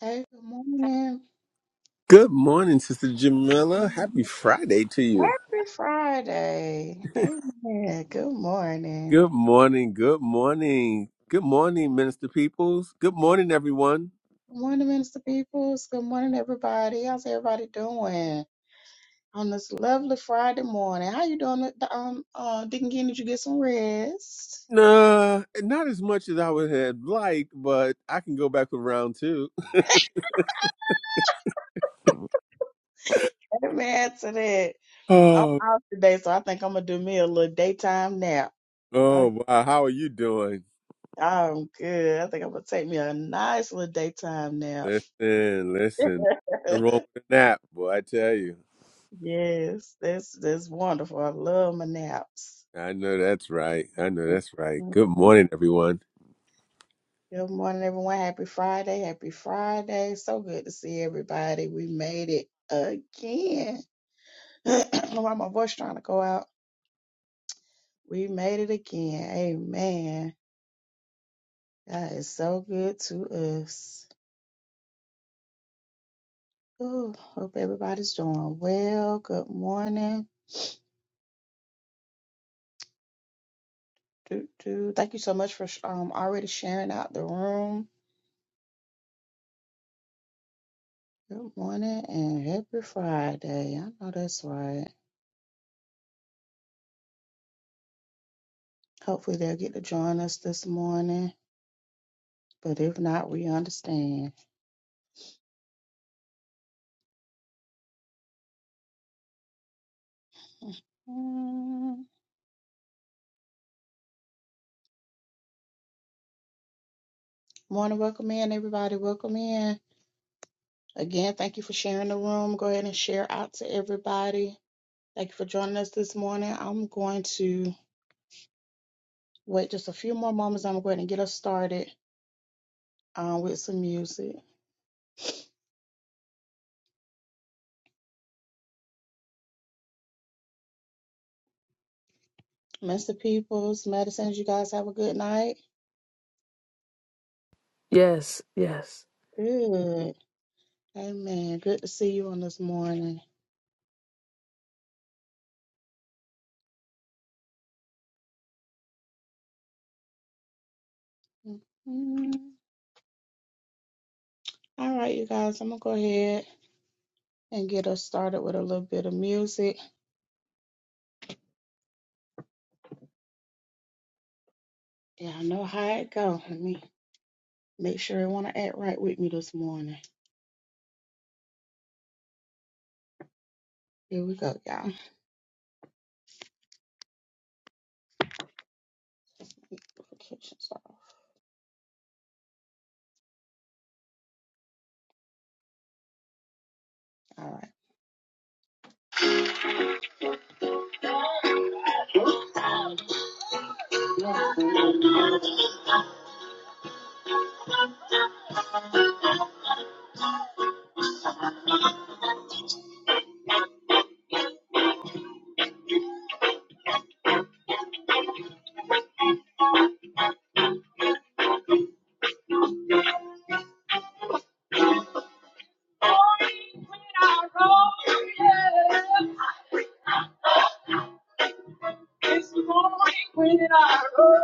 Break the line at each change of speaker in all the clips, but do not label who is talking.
Hey, good morning.
Good morning, Sister Jamila. Happy Friday to you.
Happy Friday. Amen. Good morning.
Good morning. Good morning. Good morning, Minister Peoples. Good morning, everyone.
Good morning, Minister Peoples. Good morning, everybody. How's everybody doing on this lovely Friday morning? How you doing, um, uh, Deacon Kenny? Did you get some rest?
Nah, not as much as I would have liked, but I can go back with round two.
Amen to that. I'm
Oh,
out today, so I think I'm gonna do me a little daytime nap.
oh,
I,
wow. How are you doing?
I'm good. I think I'm gonna take me a nice little daytime nap.
Listen, listen. Nothing wrong with a nap, boy. I tell you.
Yes, that's that's wonderful. I love my naps.
I know that's right. I know that's right.
Mhm.
Good morning, everyone.
Good morning, everyone. Happy Friday. Happy Friday. So good to see everybody. We made it again. Why my voice trying to go out? We made it again. Amen. God is so good to us. Ooh, hope everybody's doing well. Good morning. Do, do. Thank you so much for sh- um already sharing out the room. Good morning and happy Friday. I know that's right. Hopefully they'll get to join us this morning. But if not, we understand. Mm. Morning, welcome in, everybody. Welcome in. Again, thank you for sharing the room. Go ahead and share out to everybody. Thank you for joining us this morning. I'm going to wait just a few more moments. I'm going to get us started um, with some music. Mr. Peoples, Madison, you guys have a good night.
Yes, yes.
Good. Amen. Good to see you on this morning. Mhm. All right, you guys, I'm going to go ahead. and get us started with a little bit of music. Y'all know how it go. Let me make sure it want to act right with me this morning. Here we go, y'all. Kitchen salt. All right. yeah. It's morning when I roll.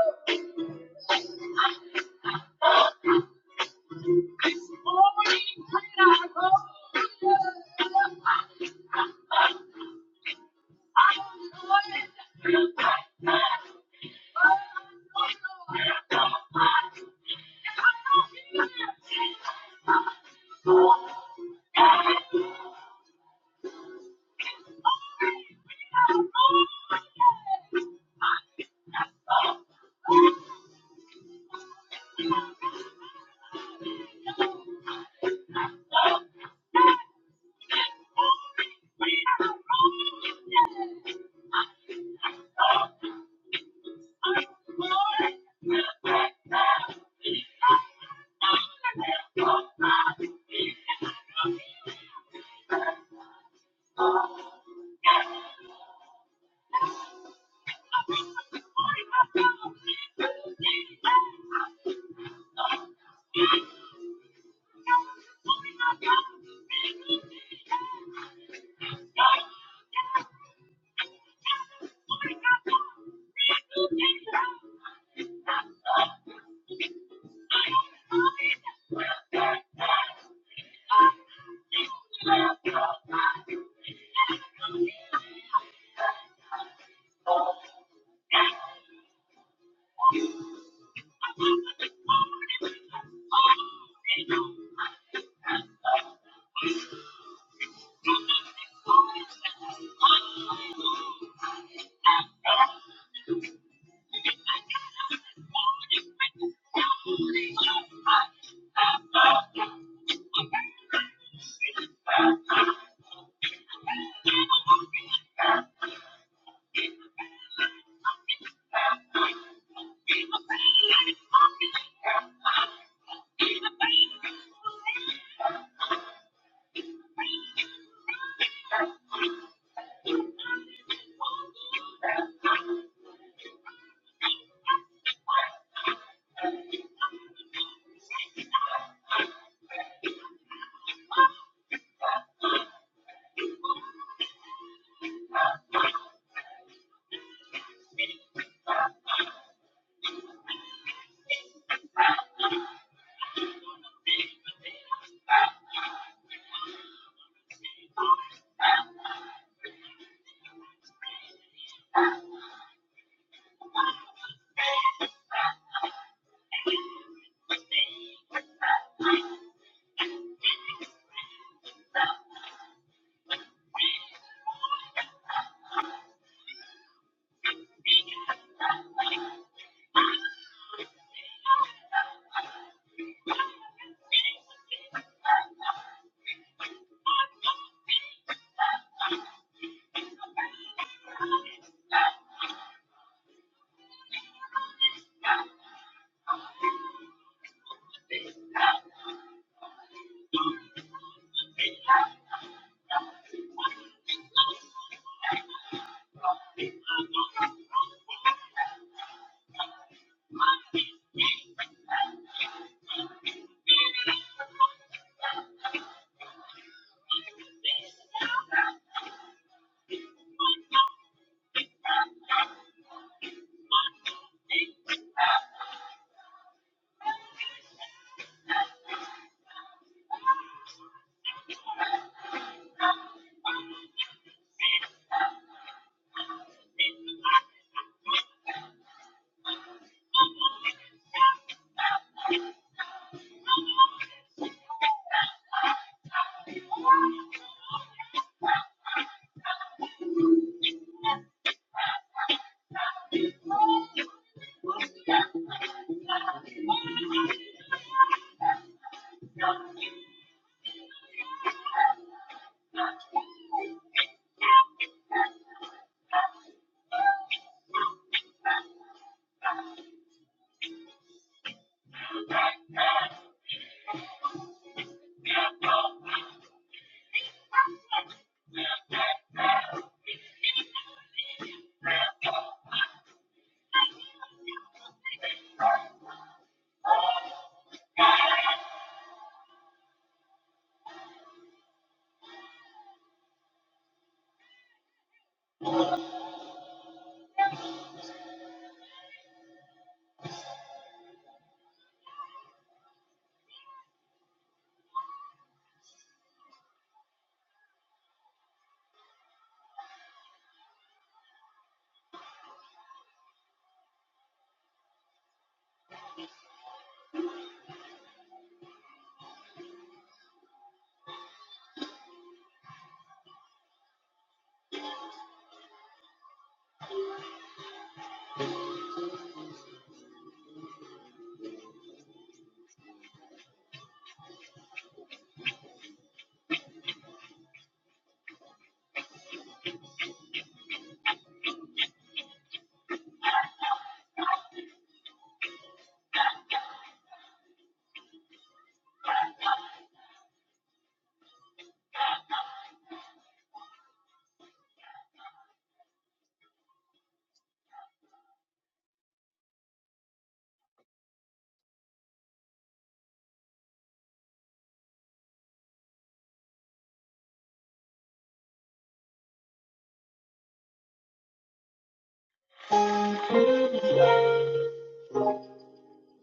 It's morning when I roll, yeah. I'm going back, back. I'm going back.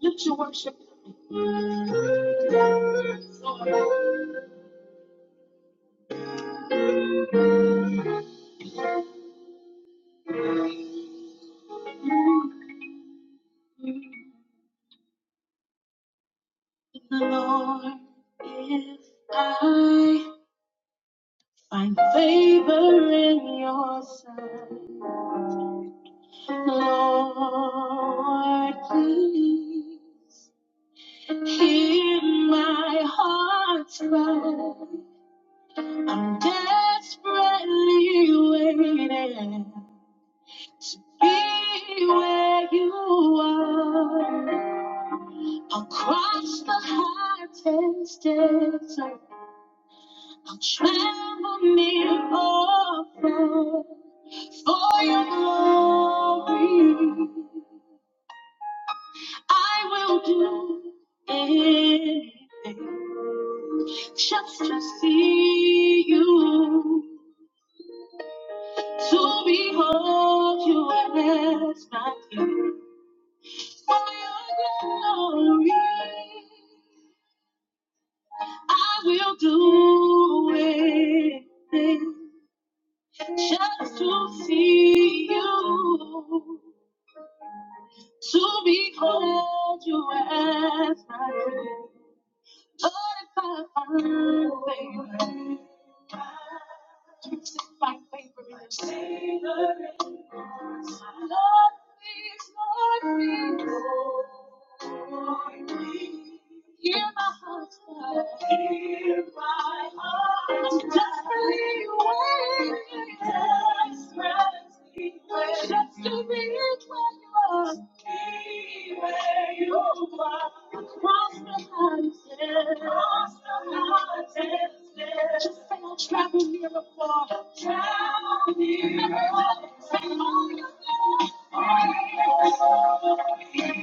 Let your worship. The Lord, if I find favor in your sight, Lord, please hear my heart's cry. I'm desperately waiting. to be where you are. I'll cross the hottest desert. I'll travel near or far for your glory. I will do anything just to see you, to behold you as my king. For your glory, I will do it just to see you, to behold you as my friend. Lord, if I find favor, seek my favor in Your this Lord, please, Lord, please. Hear my heart's cry. Hear my heart's cry. Desperately waiting. Desperately waiting. Just to be where you are. Be where you are. Across the mountains. Across the mountains. yes. Just say I'll travel near or far. Travel near or far. Say all you feel. All you feel.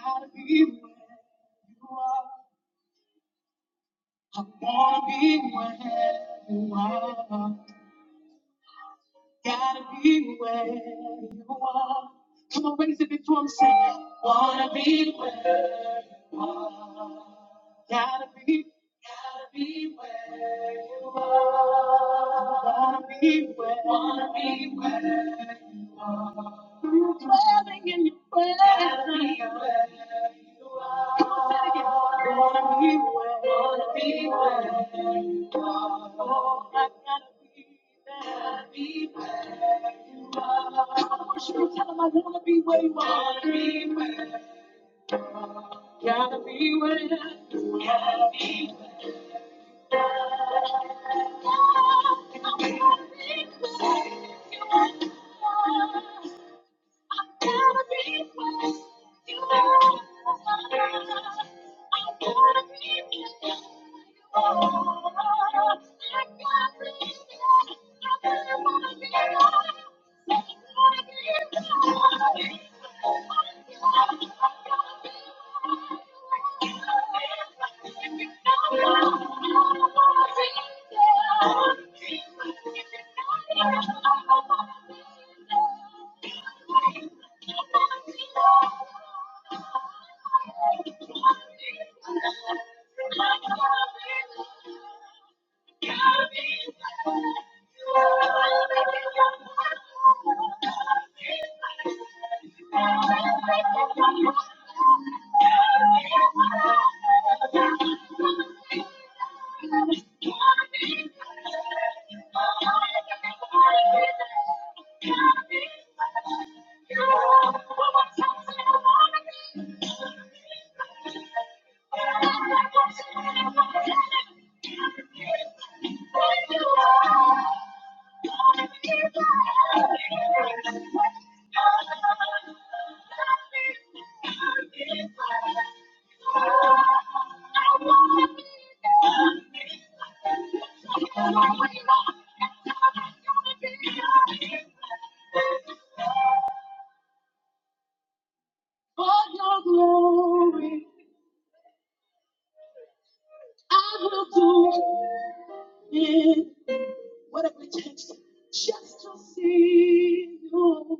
Gotta be where you are. I wanna be where you are. Gotta be where you are. Come on, raise it before I'm saying. Wanna be where you are. Gotta be, gotta be where you are. Wanna be where, wanna be where you are. Dwelling in your presence. Gotta be where you Gotta be where you gotta be. where. I'm gonna be with you now. I wanna be with you more. I wanna be with you. I really wanna be with you. I wanna be with you. I wanna be there, I wanna be there, I wanna be there. For your glory, I will do it. What a chance just to see you.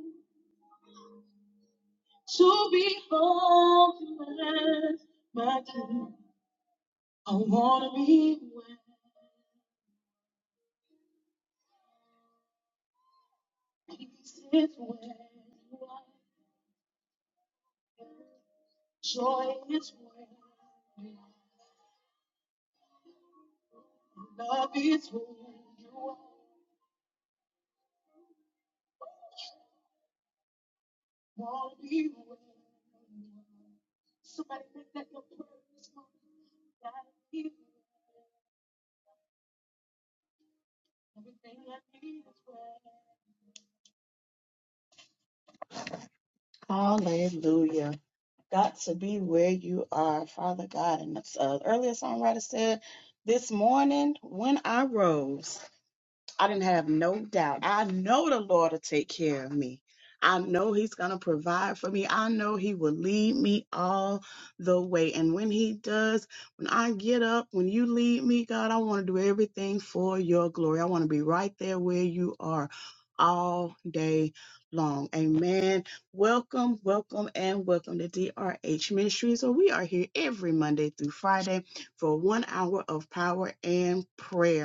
to be focused, my king. I wanna be where peace is where you are, joy is where you are, love is where you are. Wanna be where you are. Somebody make that your prayer this morning. Gotta be where everything I need is where. Hallelujah. got to be where you are, Father God. And the uh, earlier songwriter said, This morning when I rose. I didn't have no doubt. I know the Lord will take care of me. I know He's going to provide for me. I know He will lead me all the way. And when He does, when I get up, when you lead me, God, I want to do everything for your glory. I want to be right there where you are all day long. Amen. Welcome, welcome, and welcome to DRH Ministries. So we are here every Monday through Friday for one hour of power and prayer.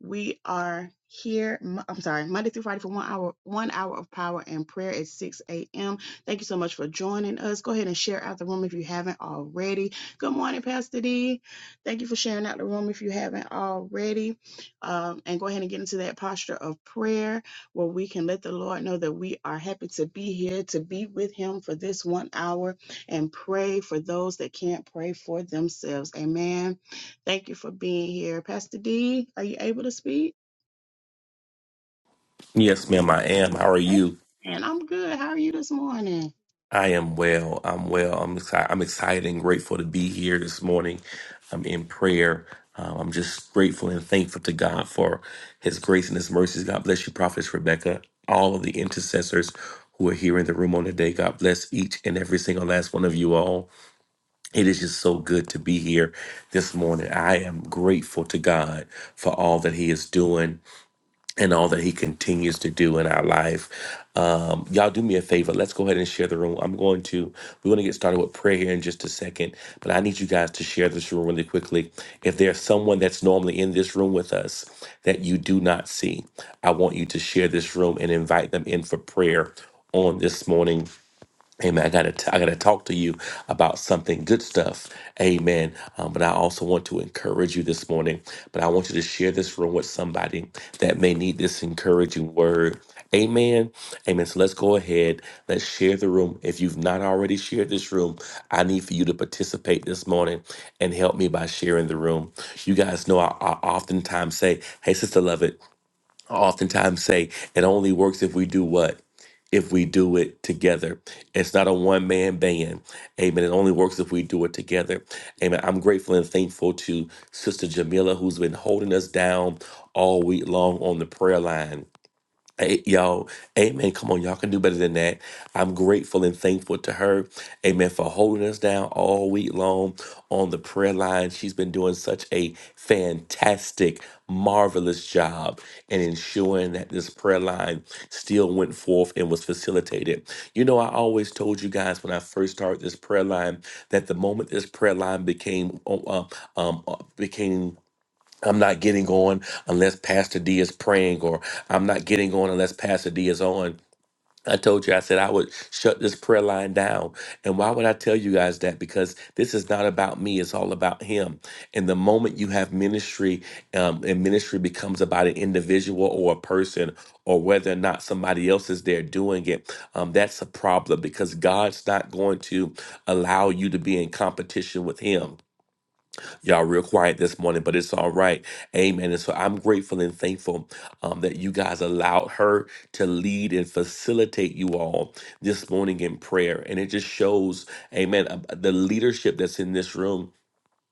We are here. I'm sorry, Monday through Friday for one hour, one hour of power and prayer at 6 a.m. Thank you so much for joining us. Go ahead and share out the room if you haven't already. Good morning, Pastor D. Thank you for sharing out the room if you haven't already. Um, and go ahead and get into that posture of prayer where we can let the Lord know that we are happy to be here, to be with Him for this one hour and pray for those that can't pray for themselves. Amen. Thank you for being here. Pastor D, are you able to speak?
Yes, ma'am, I am. How are you?
And I'm good. How are you this morning?
I am well. I'm well. I'm excited. I'm excited and grateful to be here this morning. I'm in prayer. Um, I'm just grateful and thankful to God for His grace and His mercies. God bless you, Prophetess Rebecca, all of the intercessors who are here in the room on today. God bless each and every single last one of you all. It is just so good to be here this morning. I am grateful to God for all that He is doing. and all that he continues to do in our life. Um, y'all do me a favor. Let's go ahead and share the room. I'm going to, we're going to get started with prayer here in just a second, but I need you guys to share this room really quickly. If there's someone that's normally in this room with us that you do not see, I want you to share this room and invite them in for prayer on this morning. Amen. I gotta t- I gotta talk to you about something good stuff. Amen. Um, but I also want to encourage you this morning. But I want you to share this room with somebody that may need this encouraging word. Amen. Amen. So let's go ahead. Let's share the room. If you've not already shared this room, I need for you to participate this morning and help me by sharing the room. You guys know I, I oftentimes say, "Hey, sister, love I oftentimes say it only works if we do what? If we do it together. It's not a one man band. Amen. It only works if we do it together. Amen. I'm grateful and thankful to Sister Jamila, who's been holding us down all week long on the prayer line. Hey, y'all, amen. Come on, y'all can do better than that. I'm grateful and thankful to her, amen, for holding us down all week long on the prayer line. She's been doing such a fantastic, marvelous job in ensuring that this prayer line still went forth and was facilitated. You know, I always told you guys when I first started this prayer line that the moment this prayer line became uh, um, uh, became I'm not getting on unless Pastor D is praying, or I'm not getting on unless Pastor D is on. I told you, I said I would shut this prayer line down. And why would I tell you guys that? Because this is not about me, it's all about Him. And the moment you have ministry, um, and ministry becomes about an individual or a person, or whether or not somebody else is there doing it, um, that's a problem because God's not going to allow you to be in competition with Him. Y'all real quiet this morning, but it's all right. Amen. And so I'm grateful and thankful um, that you guys allowed her to lead and facilitate you all this morning in prayer. And it just shows, amen, uh, the leadership that's in this room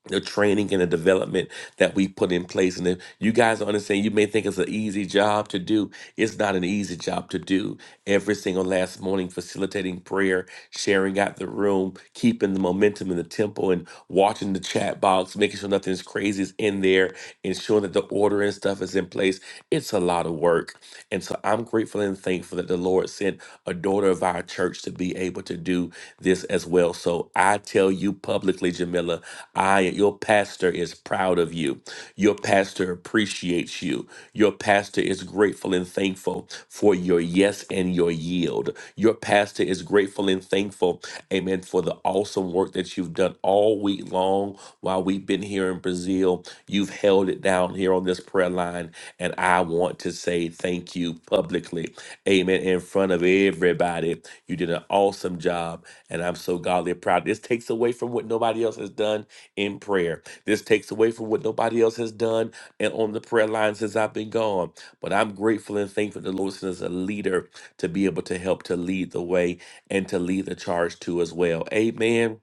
the training and the development that we put in place. And if you guys don't understand, you may think it's an easy job to do. It's not an easy job to do. Every single last morning, facilitating prayer, sharing out the room, keeping the momentum in the temple, and watching the chat box, making sure nothing's crazy is in there, ensuring that the order and stuff is in place. It's a lot of work. And so I'm grateful and thankful that the Lord sent a daughter of our church to be able to do this as well. So I tell you publicly, Jamila, I your pastor is proud of you. Your pastor appreciates you. Your pastor is grateful and thankful for your yes and your yield. Your pastor is grateful and thankful, amen, for the awesome work that you've done all week long while we've been here in Brazil. You've held it down here on this prayer line, and I want to say thank you publicly amen, in front of everybody. You did an awesome job, and I'm so godly proud. This takes away from what nobody else has done in prayer. This takes away from what nobody else has done and on the prayer line since I've been gone. But I'm grateful and thankful to the Lord as a leader to be able to help to lead the way and to lead the charge too as well. Amen.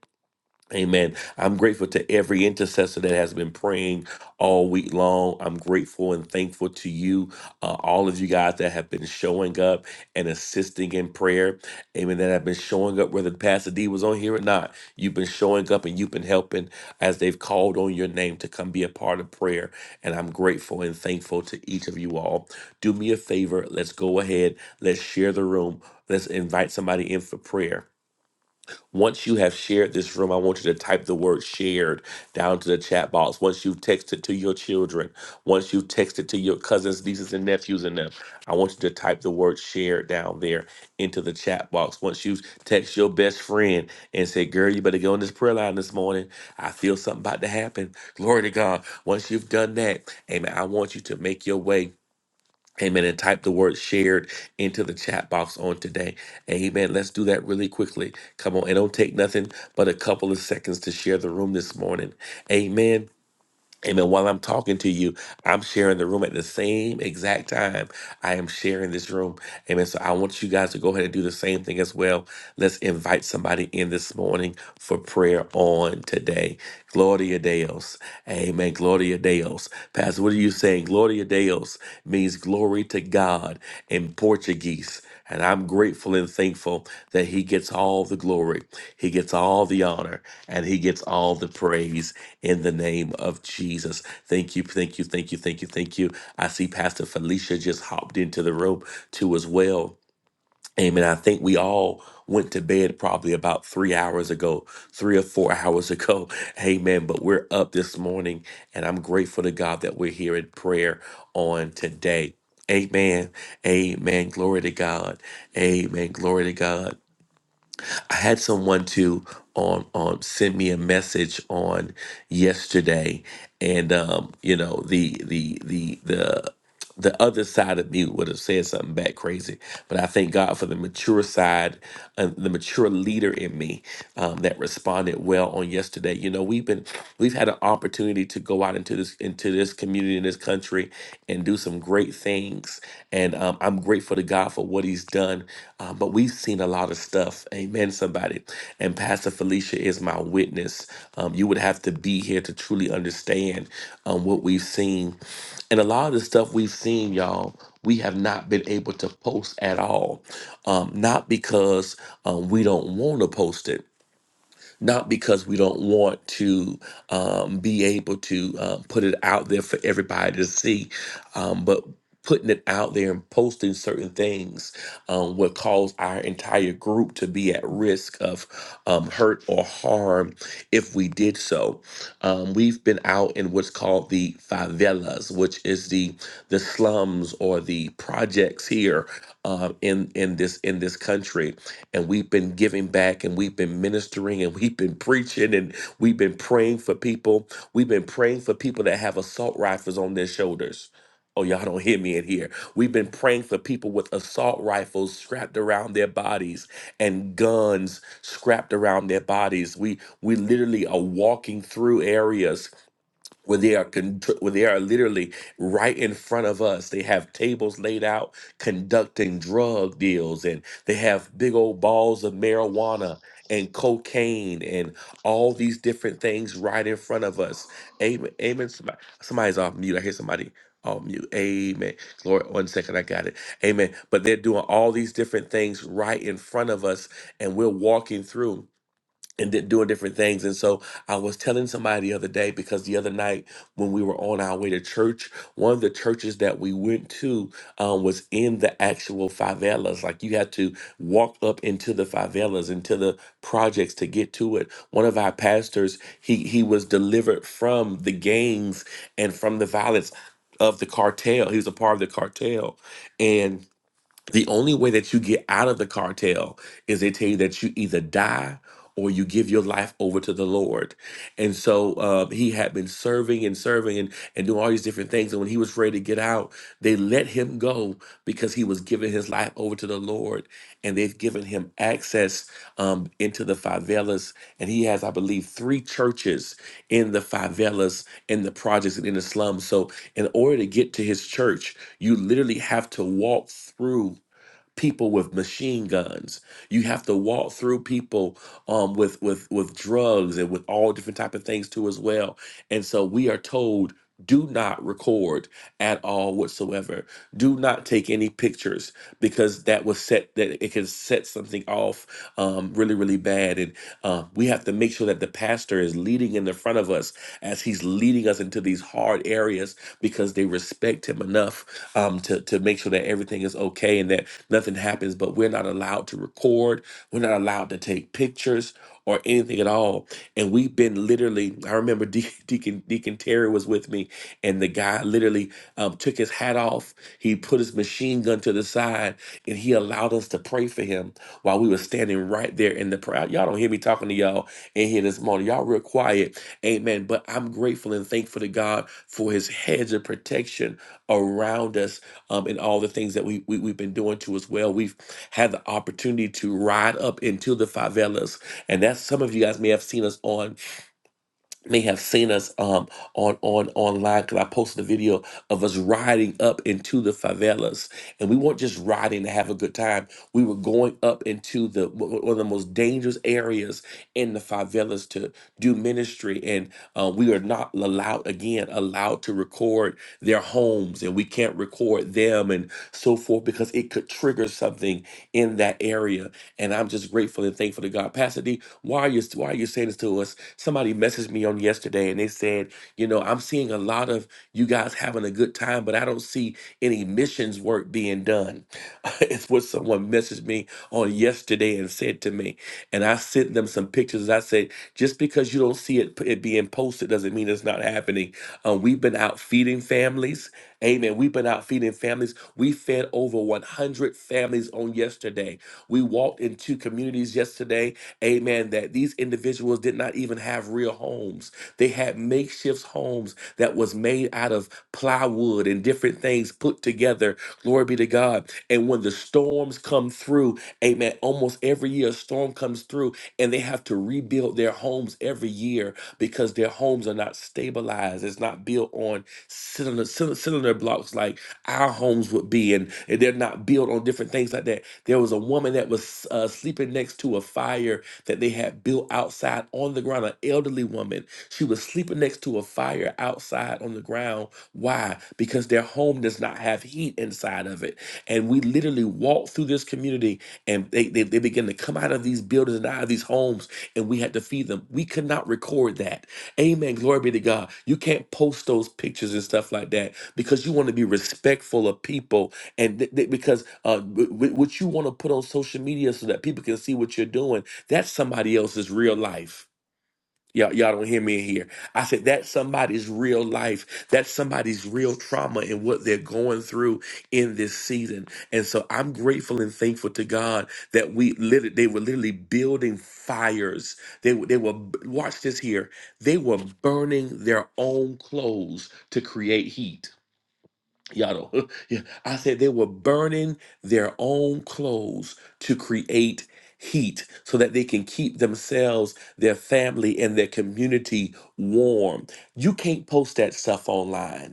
Amen. I'm grateful to every intercessor that has been praying all week long. I'm grateful and thankful to you, uh, all of you guys that have been showing up and assisting in prayer. Amen. That have been showing up, whether Pastor D was on here or not. You've been showing up and you've been helping as they've called on your name to come be a part of prayer. And I'm grateful and thankful to each of you all. Do me a favor. Let's go ahead. Let's share the room. Let's invite somebody in for prayer. Once you have shared this room, I want you to type the word shared down to the chat box. Once you've texted to your children, once you've texted to your cousins, nieces, and nephews and them, I want you to type the word shared down there into the chat box. Once you text your best friend and say, Girl, you better go on this prayer line this morning. I feel something about to happen. Glory to God. Once you've done that, amen, I want you to make your way. Amen. And type the word shared into the chat box on today. Amen. Let's do that really quickly. Come on. It don't take nothing but a couple of seconds to share the room this morning. Amen. Amen. While I'm talking to you, I'm sharing the room at the same exact time I am sharing this room. Amen. So I want you guys to go ahead and do the same thing as well. Let's invite somebody in this morning for prayer on today. Gloria Deus. Amen. Gloria Deus. Pastor, what are you saying? Gloria Deus means glory to God in Portuguese. And I'm grateful and thankful that he gets all the glory, he gets all the honor, and he gets all the praise in the name of Jesus. Thank you, thank you, thank you, thank you, thank you. I see Pastor Felicia just hopped into the room too as well. Amen. I think we all went to bed probably about three hours ago, three or four hours ago. Amen. But we're up this morning, and I'm grateful to God that we're here in prayer on today. Amen. Amen. Glory to God. Amen. Glory to God. I had someone to on on send me a message on yesterday, and um, you know the the the the the other side of me would have said something back crazy, but I thank God for the mature side, uh, the mature leader in me um, that responded well on yesterday. You know, we've been we've had an opportunity to go out into this into this community in this country and do some great things, and um, um, I'm grateful to God for what He's done. Um, but we've seen a lot of stuff. Amen, somebody. And Pastor Felicia is my witness. Um, you would have to be here to truly understand um, what we've seen. And a lot of the stuff we've seen, y'all, we have not been able to post at all. Um, not because um, we don't want to post it not because we don't want to um, be able to um, put it out there for everybody to see, um, but putting it out there and posting certain things um, would cause our entire group to be at risk of um, hurt or harm if we did so. Um, we've been out in what's called the favelas, which is the the slums or the projects here um, in in this in this country and we've been giving back and we've been ministering and we've been preaching and we've been praying for people. We've been praying for people that have assault rifles on their shoulders. Oh, y'all don't hear me in here. We've been praying for people with assault rifles strapped around their bodies and guns strapped around their bodies. We we literally are walking through areas where they are con- where they are literally right in front of us. They have tables laid out conducting drug deals, and they have big old balls of marijuana and cocaine and all these different things right in front of us. Amen. Amen. Somebody, somebody's off mute. I hear somebody. off mute. amen. Glory. One second, I got it. Amen. But they're doing all these different things right in front of us, and we're walking through and did, doing different things. And so I was telling somebody the other day because the other night when we were on our way to church, one of the churches that we went to um, was in the actual favelas. Like you had to walk up into the favelas, into the projects to get to it. One of our pastors, he he was delivered from the gangs and from the violence of the cartel. He was a part of the cartel, and the only way that you get out of the cartel is they tell you that you either die or you give your life over to the Lord. And so um, he had been serving and serving and, and doing all these different things. And when he was ready to get out, they let him go because he was giving his life over to the Lord. And they've given him access um, into the favelas. And he has, I believe, three churches in the favelas, in the projects, and in the slums. So in order to get to his church, you literally have to walk through people with machine guns. You have to walk through people um, with with with drugs and with all different type of things too as well. And so we are told do not record at all whatsoever. Do not take any pictures because that was set that it can set something off um, really really bad. And uh, we have to make sure that the pastor is leading in the front of us as he's leading us into these hard areas because they respect him enough um, to to make sure that everything is okay and that nothing happens, but we're not allowed to record, we're not allowed to take pictures or anything at all. And we've been literally, I remember Dea- Deacon Deacon Terry was with me, and the guy literally um, took his hat off, he put his machine gun to the side, and he allowed us to pray for him while we were standing right there in the crowd. Y'all don't hear me talking to y'all in here this morning. Y'all real quiet. Amen. But I'm grateful and thankful to God for his hedge of protection around us um, and all the things that we, we we've been doing too as well. We've had the opportunity to ride up into the favelas, and that's some of you guys may have seen us on may have seen us um on on online because I posted a video of us riding up into the favelas, and we weren't just riding to have a good time. We were going up into the one of the most dangerous areas in the favelas to do ministry, and uh, we are not allowed again allowed to record their homes, and we can't record them and so forth because it could trigger something in that area. And I'm just grateful and thankful to God, Pastor D. Why are you why are you saying this to us? Somebody messaged me on yesterday and they said, you know, I'm seeing a lot of you guys having a good time, but I don't see any missions work being done. it's what someone messaged me on yesterday and said to me. And I sent them some pictures. I said, just because you don't see it, it being posted doesn't mean it's not happening. Um, we've been out feeding families. Amen. We've been out feeding families. We fed over 100 families on yesterday. We walked into communities yesterday amen, that these individuals did not even have real homes. They had makeshift homes that was made out of plywood and different things put together. Glory be to God. And when the storms come through, amen, almost every year a storm comes through and they have to rebuild their homes every year because their homes are not stabilized. It's not built on cylinder, cylinder cylinder blocks like our homes would be, and and they're not built on different things like that. There was a woman that was uh, sleeping next to a fire that they had built outside on the ground. An elderly woman, she was sleeping next to a fire outside on the ground. Why? Because their home does not have heat inside of it. And we literally walked through this community and they, they, they began to come out of these buildings and out of these homes, and we had to feed them. We could not record that. Amen. Glory be to God. You can't post those pictures and stuff like that because you want to be respectful of people and th- th- because uh, w- w- what you want to put on social media so that people can see what you're doing that's somebody else's real life. Y'all, y'all don't hear me in here. I said that's somebody's real life. That's somebody's real trauma and what they're going through in this season. And so I'm grateful and thankful to God that we literally, they were literally building fires. They were- they were watch this here. They were burning their own clothes to create heat. Y'all don't. Yeah. I said they were burning their own clothes to create heat so that they can keep themselves, their family, and their community warm. You can't post that stuff online.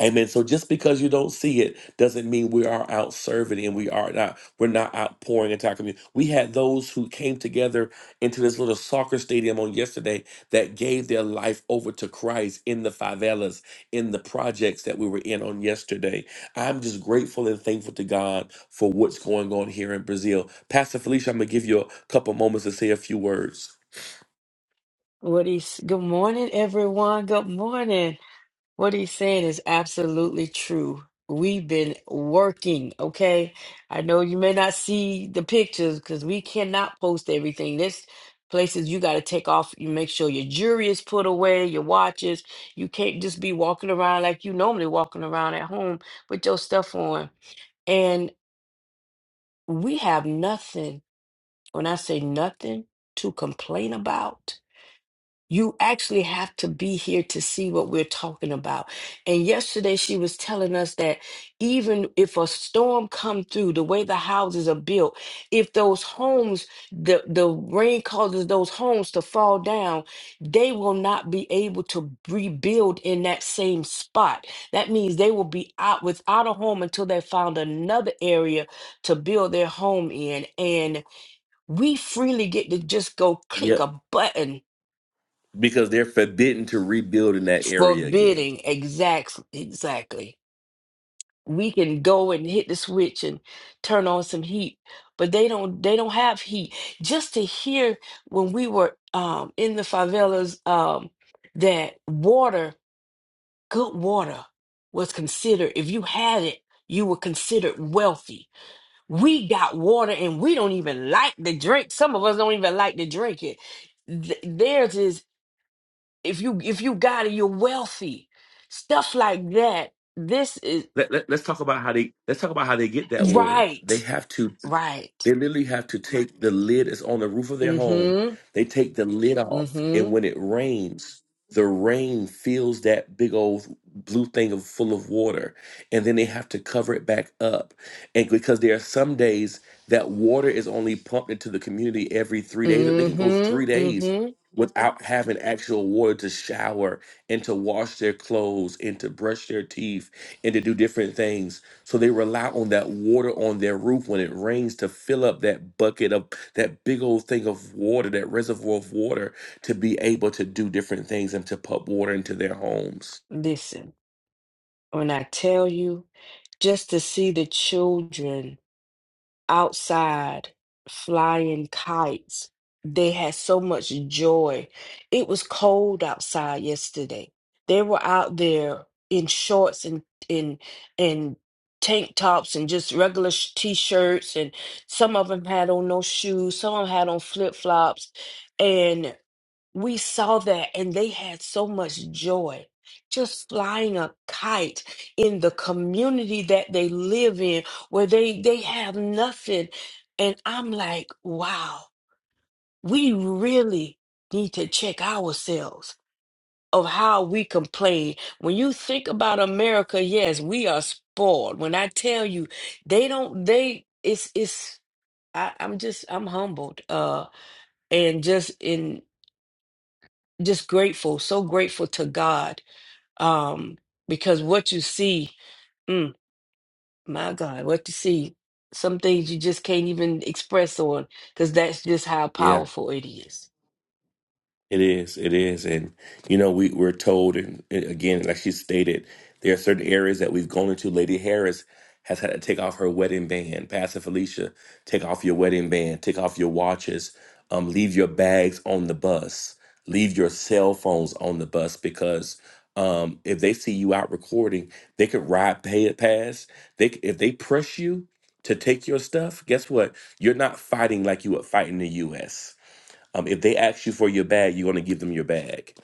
Amen. So just because you don't see it doesn't mean we are out serving and we are not we're not out pouring into our community. We had those who came together into this little soccer stadium on yesterday that gave their life over to Christ in the favelas, in the projects that we were in on yesterday. I'm just grateful and thankful to God for what's going on here in Brazil. Pastor Felicia, I'm gonna give you a couple moments to say a few words.
What he's, good morning, everyone. Good morning. What he's saying is absolutely true. We've been working, okay? I know you may not see the pictures because we cannot post everything. This places you got to take off. You make sure your jewelry is put away, your watches. You can't just be walking around like you normally walking around at home with your stuff on. And we have nothing, when I say nothing, to complain about you actually have to be here to see what we're talking about. And yesterday she was telling us that even if a storm come through, the way the houses are built, if those homes, the, the rain causes those homes to fall down, they will not be able to rebuild in that same spot. That means they will be out without a home until they found another area to build their home in. And we freely get to just go click
Yep.
a button
Because they're forbidden to rebuild in that area again.
forbidding exactly exactly we can go and hit the switch and turn on some heat but they don't they don't have heat just to hear when we were um in the favelas um that water good water was considered if you had it you were considered wealthy we got water and we don't even like to drink some of us don't even like to drink it Th- theirs is if you if you got it you're wealthy stuff like that this is
let, let, us talk about how they let's talk about how they get that water. They
right
have to.
right
They literally have to take the lid that's on the roof of their home.
mhm
They take the lid off, and
mhm
when it rains, the rain fills that big old blue thing of, full of water, and then they have to cover it back up. And because there are some days that water is only pumped into the community every three days, they can go
mhm
three days
mhm
without having actual water to shower and to wash their clothes and to brush their teeth and to do different things so they rely on that water on their roof when it rains to fill up that bucket of that big old thing of water, that reservoir of water, to be able to do different things and to pump water into their homes.
listen when i tell you just to see the children outside flying kites. They had so much joy. It was cold outside yesterday. They were out there in shorts and in and tank tops and just regular sh- t-shirts and some of them had on no shoes, some of them had on flip-flops And we saw that and they had so much joy just flying a kite in the community that they live in where they they have nothing and i'm like wow we really need to check ourselves of how we complain when you think about america yes we are spoiled when i tell you they don't they it's it's I, i'm just i'm humbled uh and just in just grateful, so grateful to God, um, because what you see, mm, my God, what you see, some things you just can't even express on, because that's just how
Yeah.
powerful it is.
It is, it is, and you know we we're told, and and again, like she stated, there are certain areas that we've gone into. Lady Harris has had to take off her wedding band. Pastor Felicia, take off your wedding band. Take off your watches. Um, leave your bags on the bus. Leave your cell phones on the bus because um, if they see you out recording, they could ride pay, past. They c- if they press you to take your stuff, guess what? You're not fighting like you would fight in the U.S um, if they ask you for your bag, you're going to give them your bag.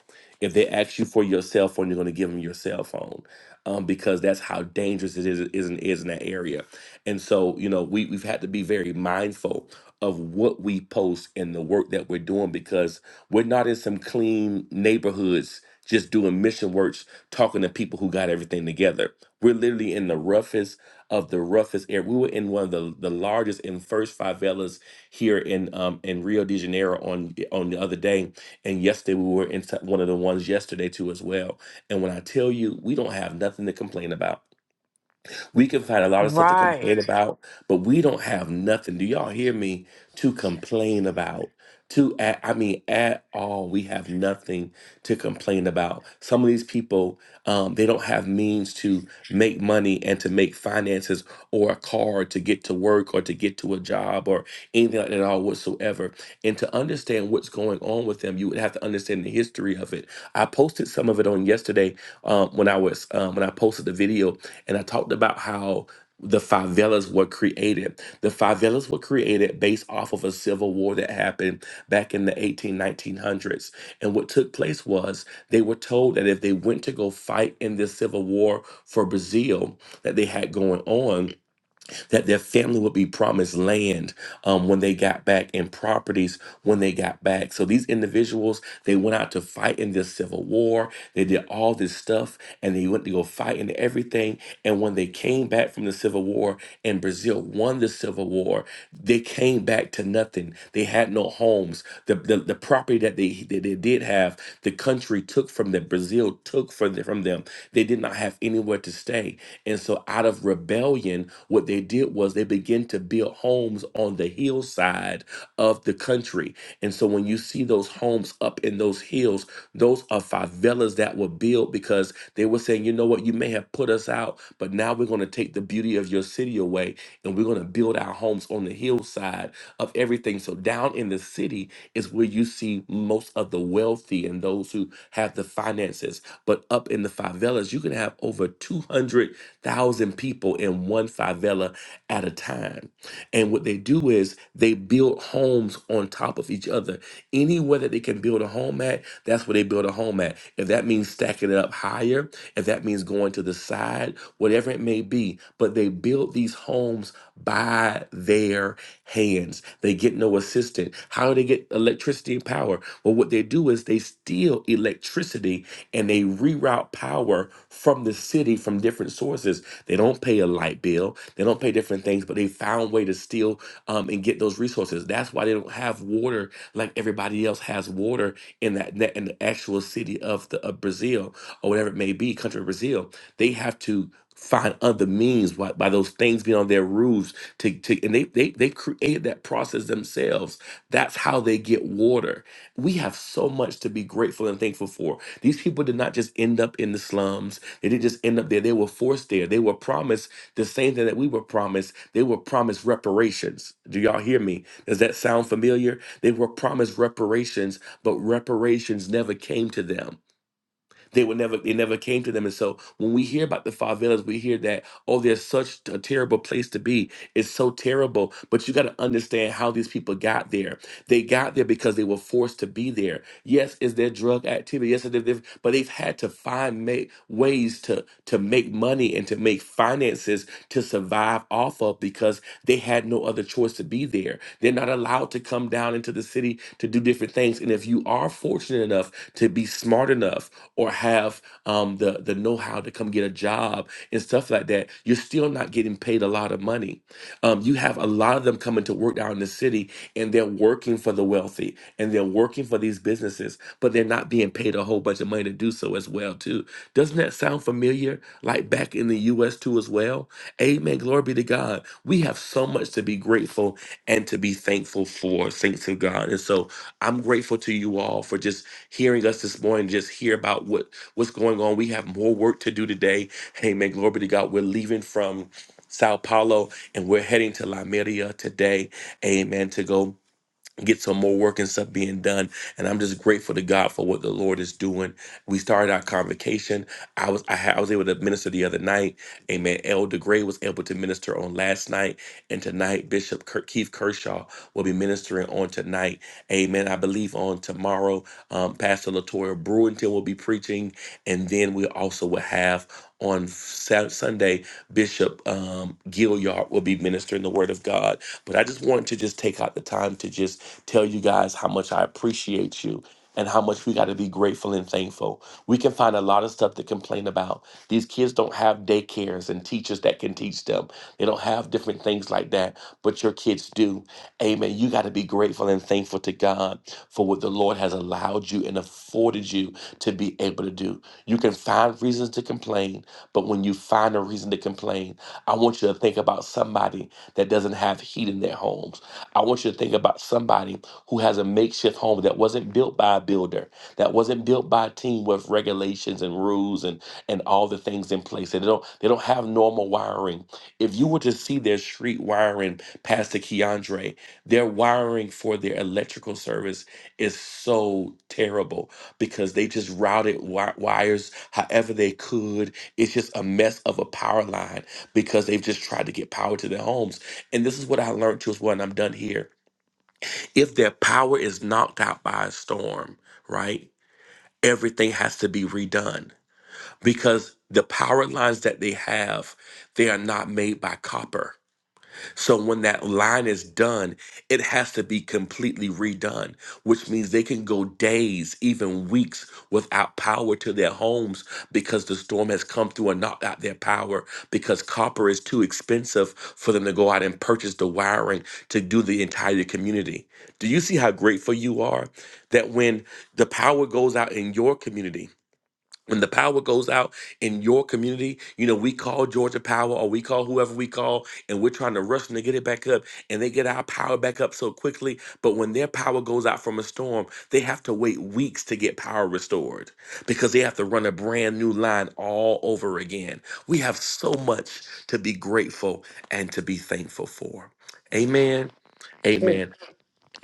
If they ask you for your cell phone, you're going to give them your cell phone, um, because that's how dangerous it is, is, in, is in that area. And so, you know, we, we've had to be very mindful of what we post and the work that we're doing because we're not in some clean neighborhoods just doing mission works, talking to people who got everything together. We're literally in the roughest of the roughest air. We were in one of the, the largest and first favelas here in um in Rio de Janeiro on on the other day, and yesterday we were in t- one of the ones yesterday too as well. And when I tell you, we don't have nothing to complain about. We can find a lot of stuff to
Right.
complain about, but we don't have nothing. Do y'all hear me? To complain about. To at, I mean, at all, we have nothing to complain about. Some of these people, um, they don't have means to make money and to make finances or a car to get to work or to get to a job or anything like that at all whatsoever. And to understand what's going on with them, you would have to understand the history of it. I posted some of it on yesterday um, when I was um, when I posted the video and I talked about how the favelas were created. The favelas were created based off of a civil war that happened back in the eighteen nineteen hundreds. And what took place was they were told that if they went to go fight in this civil war for Brazil that they had going on, that their family would be promised land um, when they got back and properties when they got back. So these individuals, they went out to fight in this civil war. They did all this stuff and they went to go fight and everything. And when they came back from the civil war and Brazil won the civil war, they came back to nothing. They had no homes. The, the, the property that they, that they did have, the country took from them. Brazil took from, the- from them. They did not have anywhere to stay. And so, out of rebellion, what they did was they began to build homes on the hillside of the country. And so, when you see those homes up in those hills, those are favelas that were built because they were saying, you know what, you may have put us out, but now we're going to take the beauty of your city away and we're going to build our homes on the hillside of everything. So, down in the city is where you see most of the wealthy and those who have the finances. But up in the favelas, you can have over 200 thousand people in one favela at a time. And what they do is they build homes on top of each other. Anywhere that they can build a home at, that's where they build a home at. If that means stacking it up higher, if that means going to the side, whatever it may be, but they build these homes by their hands. They get no assistance. How do they get electricity and power? Well, what they do is they steal electricity and they reroute power from the city from different sources. They don't pay a light bill, they don't pay different things, but they found way to steal um, and get those resources. That's why they don't have water like everybody else has water in that that- in the actual city of the of Brazil or whatever it may be, country of Brazil. They have to find other means by, by those things being on their roofs to, to and they, they they created that process themselves that's how they get water we have so much to be grateful and thankful for these people did not just end up in the slums. They didn't just end up there. They were forced there. They were promised the same thing that we were promised. They were promised reparations. Do y'all hear me? Does that sound familiar? They were promised reparations, but reparations never came to them. They were never. It never came to them. And so when we hear about the favelas, we hear that oh, there's such a terrible place to be. It's so terrible. But you got to understand how these people got there. They got there because they were forced to be there. Yes, is there drug activity? Yes, there- there- but they've had to find make, ways to to make money and to make finances to survive off of because they had no other choice to be there. They're not allowed to come down into the city to do different things. And if you are fortunate enough to be smart enough or have um, the the know how to come get a job and stuff like that, you're still not getting paid a lot of money. Um, you have a lot of them coming to work out in the city and they're working for the wealthy and they're working for these businesses, but they're not being paid a whole bunch of money to do so as well too. Doesn't that sound familiar? Like back in the U.S. too as well. Amen. Glory be to God. We have so much to be grateful and to be thankful for, saints of God. And so I'm grateful to you all for just hearing us this morning, just hear about what what's going on. We have more work to do today. Amen. Glory be to God. We're leaving from Sao Paulo and we're heading to La Media today amen, to go get some more work and stuff being done. And I'm just grateful to God for what the Lord is doing. We started our convocation. I was I, had, I was able to minister the other night. Amen. Elder Gray was able to minister on last night. And tonight, Bishop Ker- Keith Kershaw will be ministering on tonight. Amen. I believe on tomorrow. Um, Pastor Latoya Brewington will be preaching, and then we also will have on Saturday, Sunday Bishop um, Gilliard will be ministering the Word of God. But I just wanted to just take out the time to just tell you guys how much I appreciate you. And how much we got to to be grateful and thankful. We can find a lot of stuff to complain about. These kids don't have daycares and teachers that can teach them, they don't have different things like that, but your kids do. Amen. You got to be grateful and thankful to God for what the Lord has allowed you and afforded you to be able to do. You can find reasons to complain, but when you find a reason to complain, I want you to think about somebody that doesn't have heat in their homes. I want you to think about somebody who has a makeshift home that wasn't built by a builder that wasn't built by a team with regulations and rules and and all the things in place. They don't they don't have normal wiring. If you were to see their street wiring, Pastor Keandre, their wiring for their electrical service is so terrible because they just routed wi- wires however they could. It's just a mess of a power line because they've just tried to get power to their homes. And this is what I learned too as well, and I'm done here. If their power is knocked out by a storm, right? everything has to be redone because the power lines that they have they are not made by copper so when that line is done it has to be completely redone which means they can go days even weeks without power to their homes because the storm has come through and knocked out their power because copper is too expensive for them to go out and purchase the wiring to do the entire community do you see how grateful you are that when the power goes out in your community when the power goes out in your community, you know, we call Georgia Power or we call whoever we call, and we're trying to rush them to get it back up, and they get our power back up so quickly. But when their power goes out from a storm, they have to wait weeks to get power restored because they have to run a brand new line all over again. We have so much to be grateful and to be thankful for. Amen. Amen.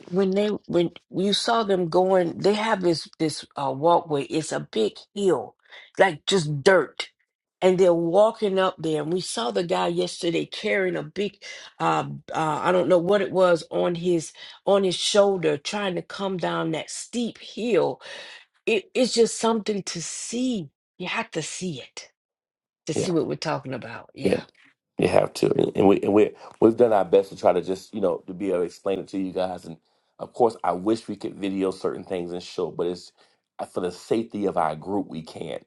when they when you saw them going they have this this uh walkway it's a big hill like just dirt and they're walking up there and we saw the guy yesterday carrying a big uh, uh i don't know what it was on his on his shoulder trying to come down that steep hill it, it's just something to see you have to see it to
Yeah.
see what we're talking about yeah
Yeah. You
yeah
have to, and and we and we we've done our best to try to just you know to be able to explain it to you guys. And of course, I wish we could video certain things and show, but it's uh, for the safety of our group we can't.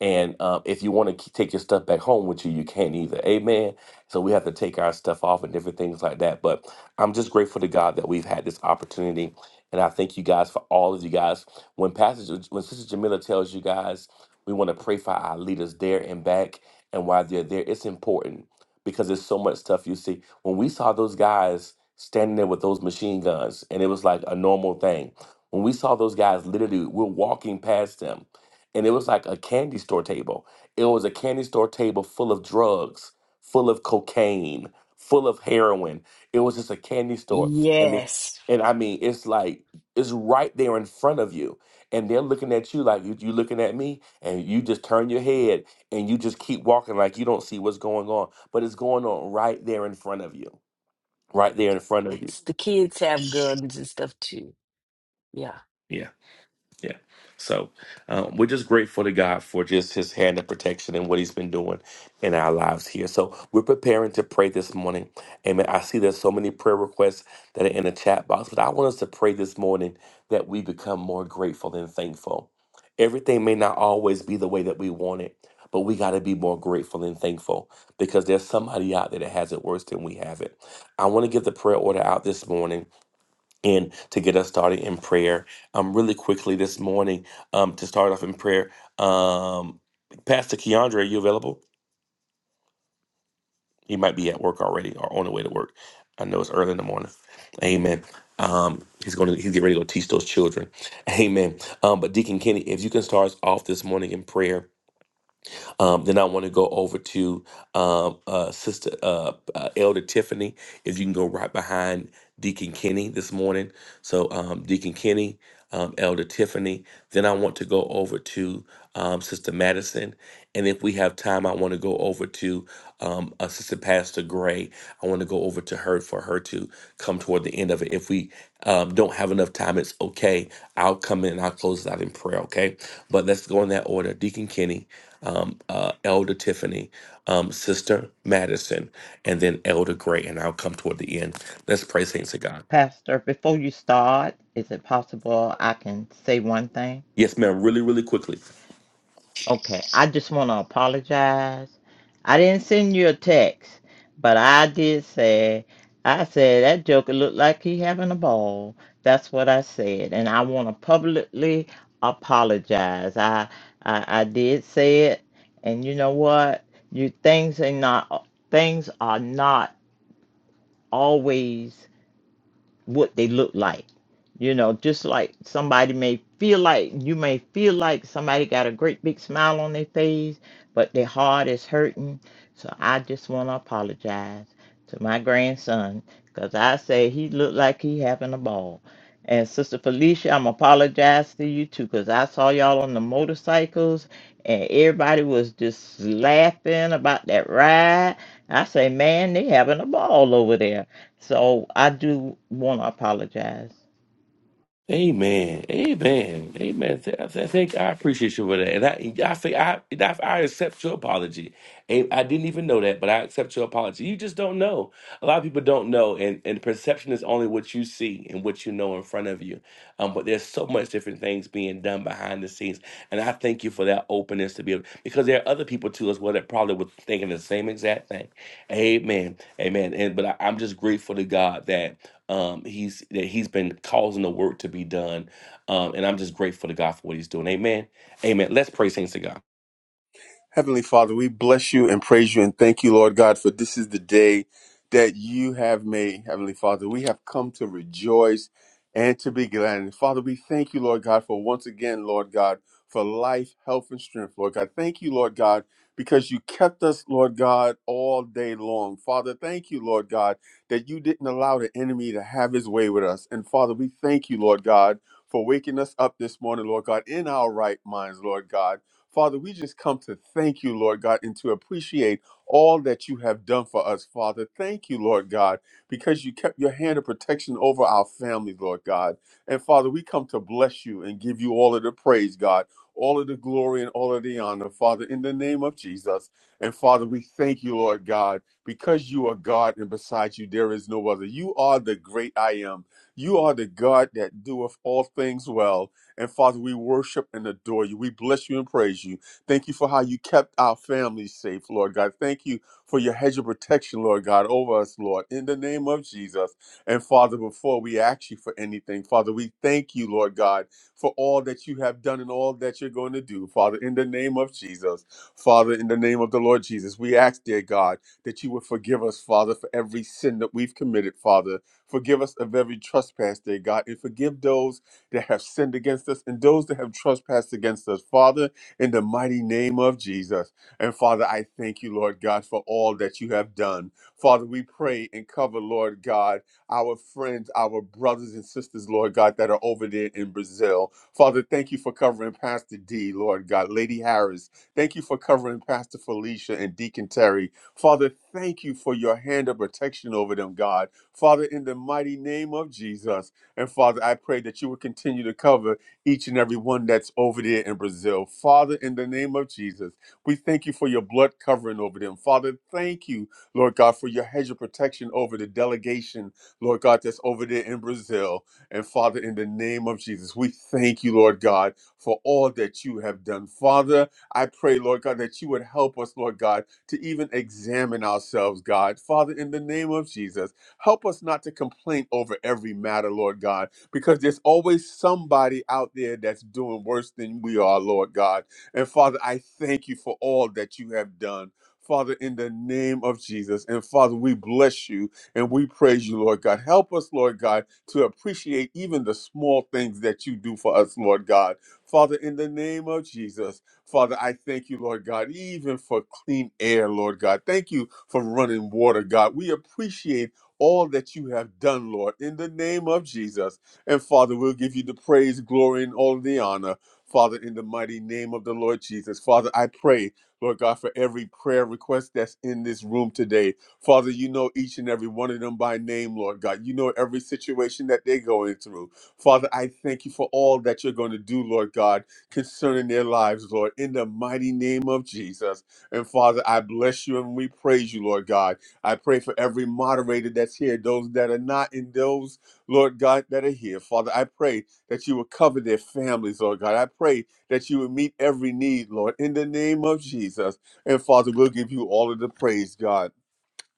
And um, if you want to take your stuff back home with you, you can't either. Amen. So we have to take our stuff off and different things like that. But I'm just grateful to God that we've had this opportunity, and I thank you guys for all of you guys. When Pastor, when Sister Jamila tells you guys, we want to pray for our leaders there and back, and while they're there, it's important because there's so much stuff you see. When we saw those guys standing there with those machine guns, and it was like a normal thing. When we saw those guys, literally, we're walking past them, and it was like a candy store table. It was a candy store table full of drugs, full of cocaine, full of heroin. It was just a candy store, and they,
yes
and I mean, it's like it's right there in front of you, and they're looking at you like you, you looking at me, and you just turn your head and you just keep walking like you don't see what's going on, but it's going on right there in front of you, right there in front of you.
it's the kids have guns and stuff too Yeah.
Yeah. Yeah. So um, we're just grateful to God for just his hand of protection and what he's been doing in our lives here. So we're preparing to pray this morning. Amen. I see there's so many prayer requests that are in the chat box, but I want us to pray this morning that we become more grateful and thankful. Everything may not always be the way that we want it, but we got to be more grateful and thankful because there's somebody out there that has it worse than we have it. I want to give the prayer order out this morning and to get us started in prayer. Um, really quickly this morning, um, to start off in prayer, um, Pastor Keandre, are you available? He might be at work already or on the way to work. I know it's early in the morning. Amen. Um, he's going to he's getting ready to go teach those children. Amen. Um, but Deacon Kenny, if you can start us off this morning in prayer, um, then I want to go over to um, uh, Sister uh, uh, Elder Tiffany. If you can go right behind Deacon Kenny this morning. So um, Deacon Kenny, um, Elder Tiffany. Then I want to go over to um, Sister Madison, and if we have time, I want to go over to um, uh, Sister Pastor Gray. I want to go over to her for her to come toward the end of it. If we um, don't have enough time, it's okay. I'll come in and I'll close it out in prayer. Okay, but let's go in that order. Deacon Kenny um, uh, Elder Tiffany, um, Sister Madison, and then Elder Gray. And I'll come toward the end. Let's pray, saints of God.
Pastor, before you start, is it possible I can say one thing?
Yes, ma'am. Really, really quickly.
Okay, I just want to apologize. I didn't send you a text, but I did say, I said that joker looked like he having a ball. That's what I said, and I want to publicly apologize. I, I I did say it, and you know what? You things are not things are not always. what they look like. You know, just like somebody may feel like you may feel like somebody got a great big smile on their face, but their heart is hurting. So I just want to apologize to my grandson Cause I say he looked like he having a ball. And Sister Felicia, I'm apologize to you too, cause I saw y'all on the motorcycles and everybody was just laughing about that ride. I say, man, they having a ball over there. So I do want to apologize.
Amen. Amen. Amen. Th- I th- I think I appreciate you for that. And I I think I I I accept your apology. And I didn't even know that, but I accept your apology. You just don't know. A lot of people don't know and and perception is only what you see and what you know in front of you. Um but there's so much different things being done behind the scenes. And I thank you for that openness to be able because there are other people too as well that probably were thinking the same exact thing. Amen. Amen. And but I, I'm just grateful to God that um he's that he's been causing the work to be done. Um and I'm just grateful to God for what he's doing. Amen. Amen. Let's pray saints to God.
Heavenly Father, we bless you and praise you and thank you, Lord God, for this is the day that you have made. Heavenly Father, we have come to rejoice and to be glad. And Father, we thank you, Lord God, for once again, Lord God, for life, health, and strength, Lord God. Thank you, Lord God, because you kept us, Lord God, all day long. Father, thank you, Lord God, that you didn't allow the enemy to have his way with us. And Father, we thank you, Lord God, for waking us up this morning, Lord God, in our right minds, Lord God. Father, we just come to thank you, Lord God, and to appreciate all that you have done for us, Father. Thank you, Lord God, because you kept your hand of protection over our families, Lord God. And Father, we come to bless you and give you all of the praise, God, all of the glory and all of the honor, Father, in the name of Jesus. And Father, we thank you, Lord God, because you are God and beside you there is no other. You are the great I am. You are the God that doeth all things well. And Father, we worship and adore you. We bless you and praise you. Thank you for how you kept our families safe, Lord God. Thank you for your hedge of protection, Lord God, over us, Lord, in the name of Jesus. And Father, before we ask you for anything, Father, we thank you, Lord God, for all that you have done and all that you're going to do, Father, in the name of Jesus. Father, in the name of the Lord Jesus, we ask, dear God, that you would forgive us, Father, for every sin that we've committed, Father. Forgive us of every trespass, dear God, and forgive those that have sinned against us and those that have trespassed against us, Father, in the mighty name of Jesus. And Father, I thank you, Lord God, for all that you have done. Father, we pray and cover, Lord God, our friends, our brothers and sisters, Lord God, that are over there in Brazil. Father, thank you for covering Pastor D, Lord God, Lady Harris. Thank you for covering Pastor Felicia and Deacon Terry. Father, thank you for your hand of protection over them, God. Father, in the mighty name of Jesus. And Father, I pray that you would continue to cover each and every one that's over there in Brazil. Father, in the name of Jesus, we thank you for your blood covering over them. Father, thank you, Lord God, for your hedge of protection over the delegation, Lord God, that's over there in Brazil. And Father, in the name of Jesus, we thank you, Lord God, for all that you have done. Father, I pray, Lord God, that you would help us, Lord God, to even examine ourselves, God. Father, in the name of Jesus, Help us not to complain over every matter, Lord God, because there's always somebody out there that's doing worse than we are, Lord God. And Father, I thank you for all that you have done. Father, in the name of Jesus. And Father, we bless you and we praise you, Lord God. Help us, Lord God, to appreciate even the small things that you do for us, Lord God. Father, in the name of Jesus, Father, I thank you, Lord God, even for clean air, Lord God. Thank you for running water, God. We appreciate all that you have done, Lord, in the name of Jesus. And Father, we'll give you the praise, glory, and all the honor, Father, in the mighty name of the Lord Jesus. Father, I pray, Lord God, for every prayer request that's in this room today. Father, you know each and every one of them by name, Lord God. You know every situation that they're going through. Father, I thank you for all that you're going to do, Lord God, concerning their lives, Lord, in the mighty name of Jesus. And Father, I bless you and we praise you, Lord God. I pray for every moderator that's here, those that are not, and those, Lord God, that are here. Father, I pray that you will cover their families, Lord God. I pray that you will meet every need, Lord, in the name of Jesus. And Father, we'll give you all of the praise, God.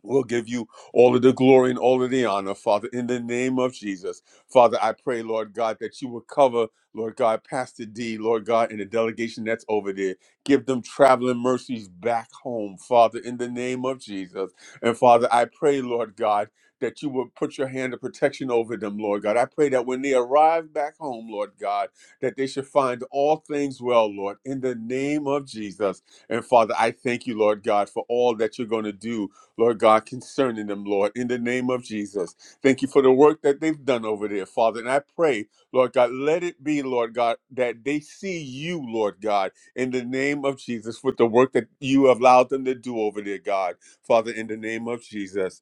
We'll give you all of the glory and all of the honor, Father, in the name of Jesus. Father, I pray, Lord God, that you will cover, Lord God, Pastor D, Lord God, and the delegation that's over there. Give them traveling mercies back home, Father, in the name of Jesus. And Father, I pray, Lord God, that you will put your hand of protection over them, Lord God. I pray that when they arrive back home, Lord God, that they should find all things well, Lord, in the name of Jesus. And Father, I thank you, Lord God, for all that you're going to do Lord God, concerning them, Lord, in the name of Jesus. Thank you for the work that they've done over there, Father. And I pray, Lord God, let it be, Lord God, that they see you, Lord God, in the name of Jesus, with the work that you have allowed them to do over there, God, Father, in the name of Jesus.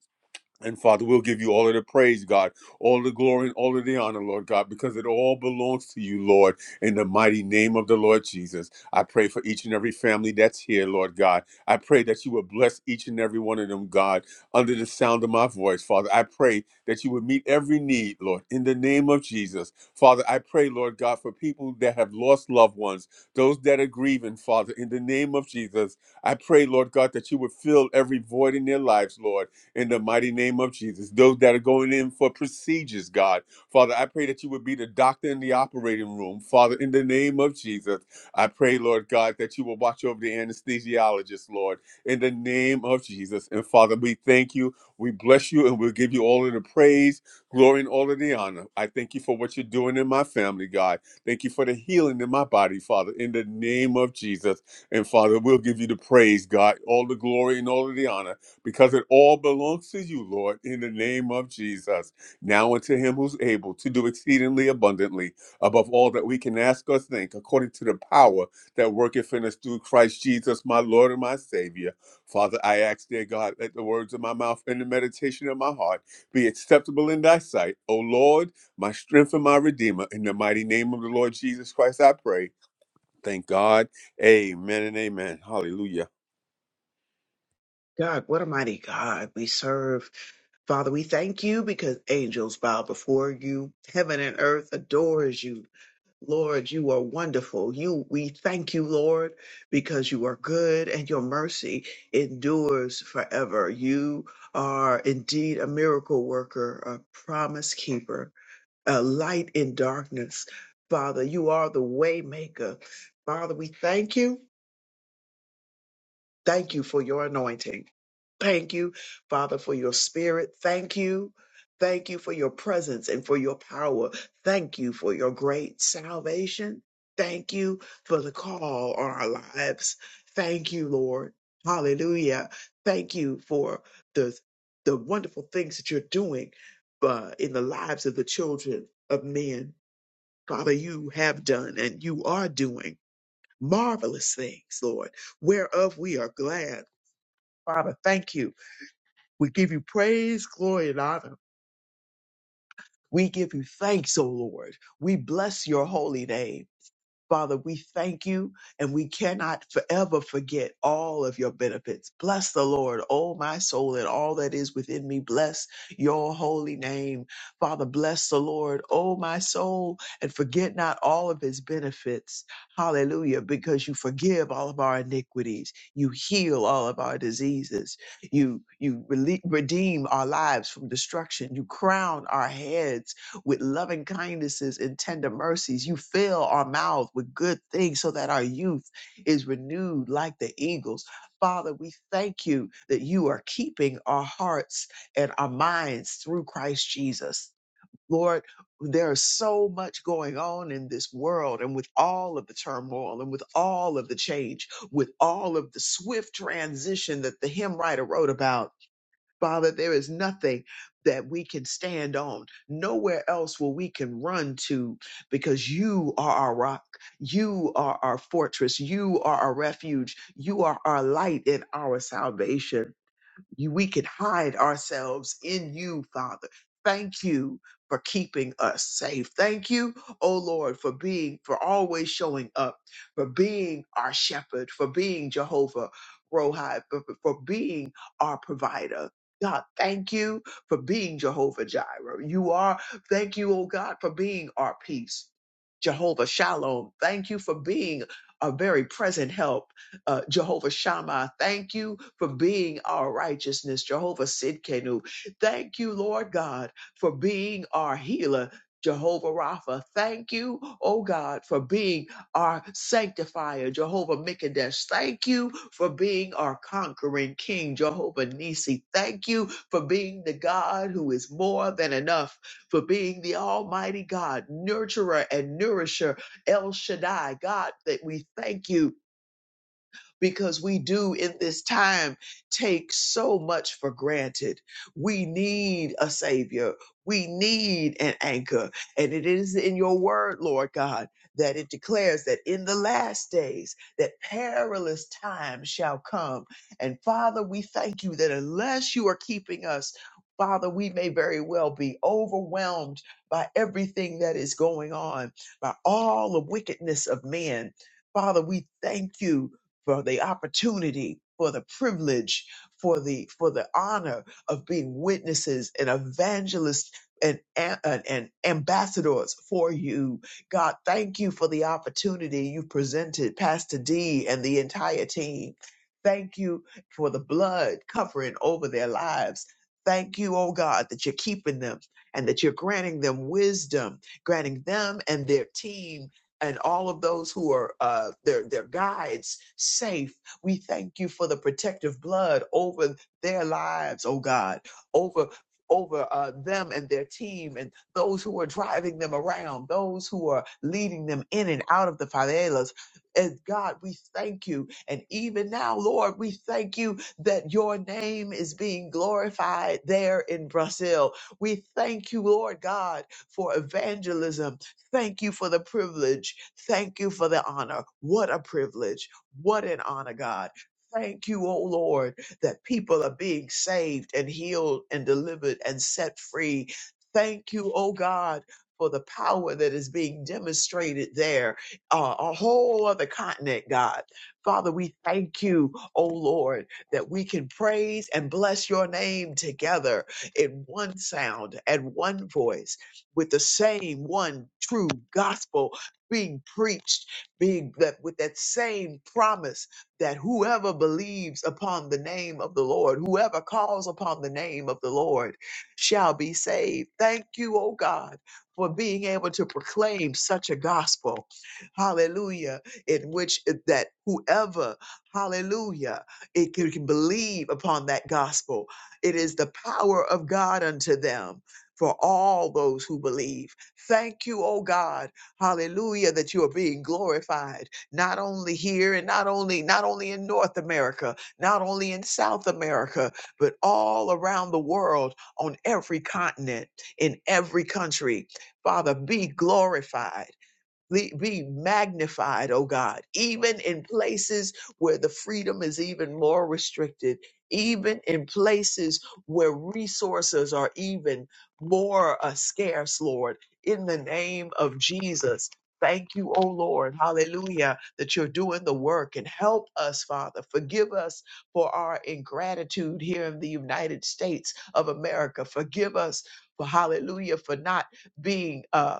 And Father, we'll give you all of the praise, God, all the glory and all of the honor, Lord God, because it all belongs to you, Lord, in the mighty name of the Lord Jesus. I pray for each and every family that's here, Lord God. I pray that you would bless each and every one of them, God, under the sound of my voice, Father. I pray that you would meet every need, Lord, in the name of Jesus. Father, I pray, Lord God, for people that have lost loved ones, those that are grieving, Father, in the name of Jesus. I pray, Lord God, that you would fill every void in their lives, Lord in the mighty name of Jesus. Those that are going in for procedures, God. Father, I pray that you would be the doctor in the operating room. Father, in the name of Jesus, I pray, Lord God, that you will watch over the anesthesiologist, Lord, in the name of Jesus. And Father, we thank you, we bless you, and we'll give you all of the praise, glory, and all of the honor. I thank you for what you're doing in my family, God. Thank you for the healing in my body, Father, in the name of Jesus. And Father, we'll give you the praise, God, all the glory and all of the honor because it all belongs to you, Lord, in the name of Jesus. Now unto him who's able to do exceedingly abundantly above all that we can ask or think, according to the power that worketh in us through Christ Jesus, my Lord and my Savior. Father, I ask, dear God, let the words of my mouth and the meditation of my heart be acceptable in thy sight. O Lord, my strength and my redeemer, in the mighty name of the Lord Jesus Christ, I pray. Thank God. Amen and amen. Hallelujah.
God, what a mighty God we serve. Father, we thank you because angels bow before you. Heaven and earth adores you. Lord, you are wonderful. You we thank you, Lord, because you are good and your mercy endures forever. You are indeed a miracle worker, a promise keeper, a light in darkness. Father, you are the way maker. Father, we thank you Thank you for your anointing. Thank you, Father, for your spirit. Thank you. Thank you for your presence and for your power. Thank you for your great salvation. Thank you for the call on our lives. Thank you, Lord. Hallelujah. Thank you for the, the wonderful things that you're doing uh, in the lives of the children of men. Father, you have done and you are doing marvelous things, Lord, whereof we are glad. Father, thank you. We give you praise, glory, and honor. We give you thanks, O Lord. We bless your holy name. Father, we thank you and we cannot forever forget all of your benefits. Bless the Lord, oh my soul, and all that is within me. Bless your holy name. Father, bless the Lord, oh my soul, and forget not all of his benefits. Hallelujah, because you forgive all of our iniquities. You heal all of our diseases. You, you rele- redeem our lives from destruction. You crown our heads with loving kindnesses and tender mercies. You fill our mouth with good things so that our youth is renewed like the eagles. Father, we thank you that you are keeping our hearts and our minds through Christ Jesus. Lord, there is so much going on in this world, and with all of the turmoil, and with all of the change, with all of the swift transition that the hymn writer wrote about, Father, there is nothing that we can stand on, nowhere else will we can run to, because you are our rock. You are our fortress. You are our refuge. You are our light and our salvation you, we can hide ourselves in you, Father. Thank you for keeping us safe. Thank you, oh Lord, for being, for always showing up, for being our shepherd, for being Jehovah Rohi, for, for for being our provider. God, thank you for being Jehovah Jireh. You are, thank you, oh God, for being our peace. Jehovah Shalom, thank you for being a very present help uh, Jehovah Shammah, thank you for being our righteousness. Jehovah Sidkenu, thank you, Lord God, for being our healer. Jehovah Rapha, thank you, oh God, for being our sanctifier. Jehovah Mikadesh, thank you for being our conquering king. Jehovah Nisi, thank you for being the God who is more than enough, for being the Almighty God, nurturer and nourisher, El Shaddai. God, that we thank you because we do in this time take so much for granted. We need a savior. We need an anchor. And it is in your word, Lord God, that it declares that in the last days that perilous times shall come. And Father, we thank you that unless you are keeping us Father, we may very well be overwhelmed by everything that is going on, by all the wickedness of men. Father, we thank you for the opportunity, for the privilege, for the for the honor of being witnesses and evangelists and, and, and ambassadors for you. God, thank you for the opportunity you presented, Pastor D and the entire team. Thank you for the blood covering over their lives. Thank you, oh God, that you're keeping them and that you're granting them wisdom, granting them and their team and all of those who are uh, their their guides safe. We thank you for the protective blood over their lives, oh God, over over uh, them and their team and those who are driving them around, those who are leading them in and out of the favelas. And God, we thank you. And even now, Lord, we thank you that your name is being glorified there in Brazil. We thank you, Lord God, for evangelism Thank you for the privilege. Thank you for the honor. What a privilege. What an honor, God. Thank you, oh Lord, that people are being saved and healed and delivered and set free. Thank you, oh God, for the power that is being demonstrated there, uh, a whole other continent, God. Father, we thank you, oh Lord, that we can praise and bless your name together in one sound and one voice with the same one true gospel being preached, being that with that same promise that whoever believes upon the name of the Lord, whoever calls upon the name of the Lord shall be saved. Thank you, oh God, for being able to proclaim such a gospel. Hallelujah. In which it- that whoever, hallelujah, it can can believe upon that gospel. It is the power of God unto them for all those who believe. Thank you, oh God. Hallelujah, that you are being glorified, not only here and not only, not only in North America, not only in South America, but all around the world, on every continent, in every country. Father, be glorified. Le- be magnified, oh God, even in places where the freedom is even more restricted, even in places where resources are even more uh, scarce, Lord, in the name of Jesus. Thank you, oh Lord, hallelujah, that you're doing the work and help us, Father. Forgive us for our ingratitude here in the United States of America. Forgive us for, hallelujah, for not being. Uh,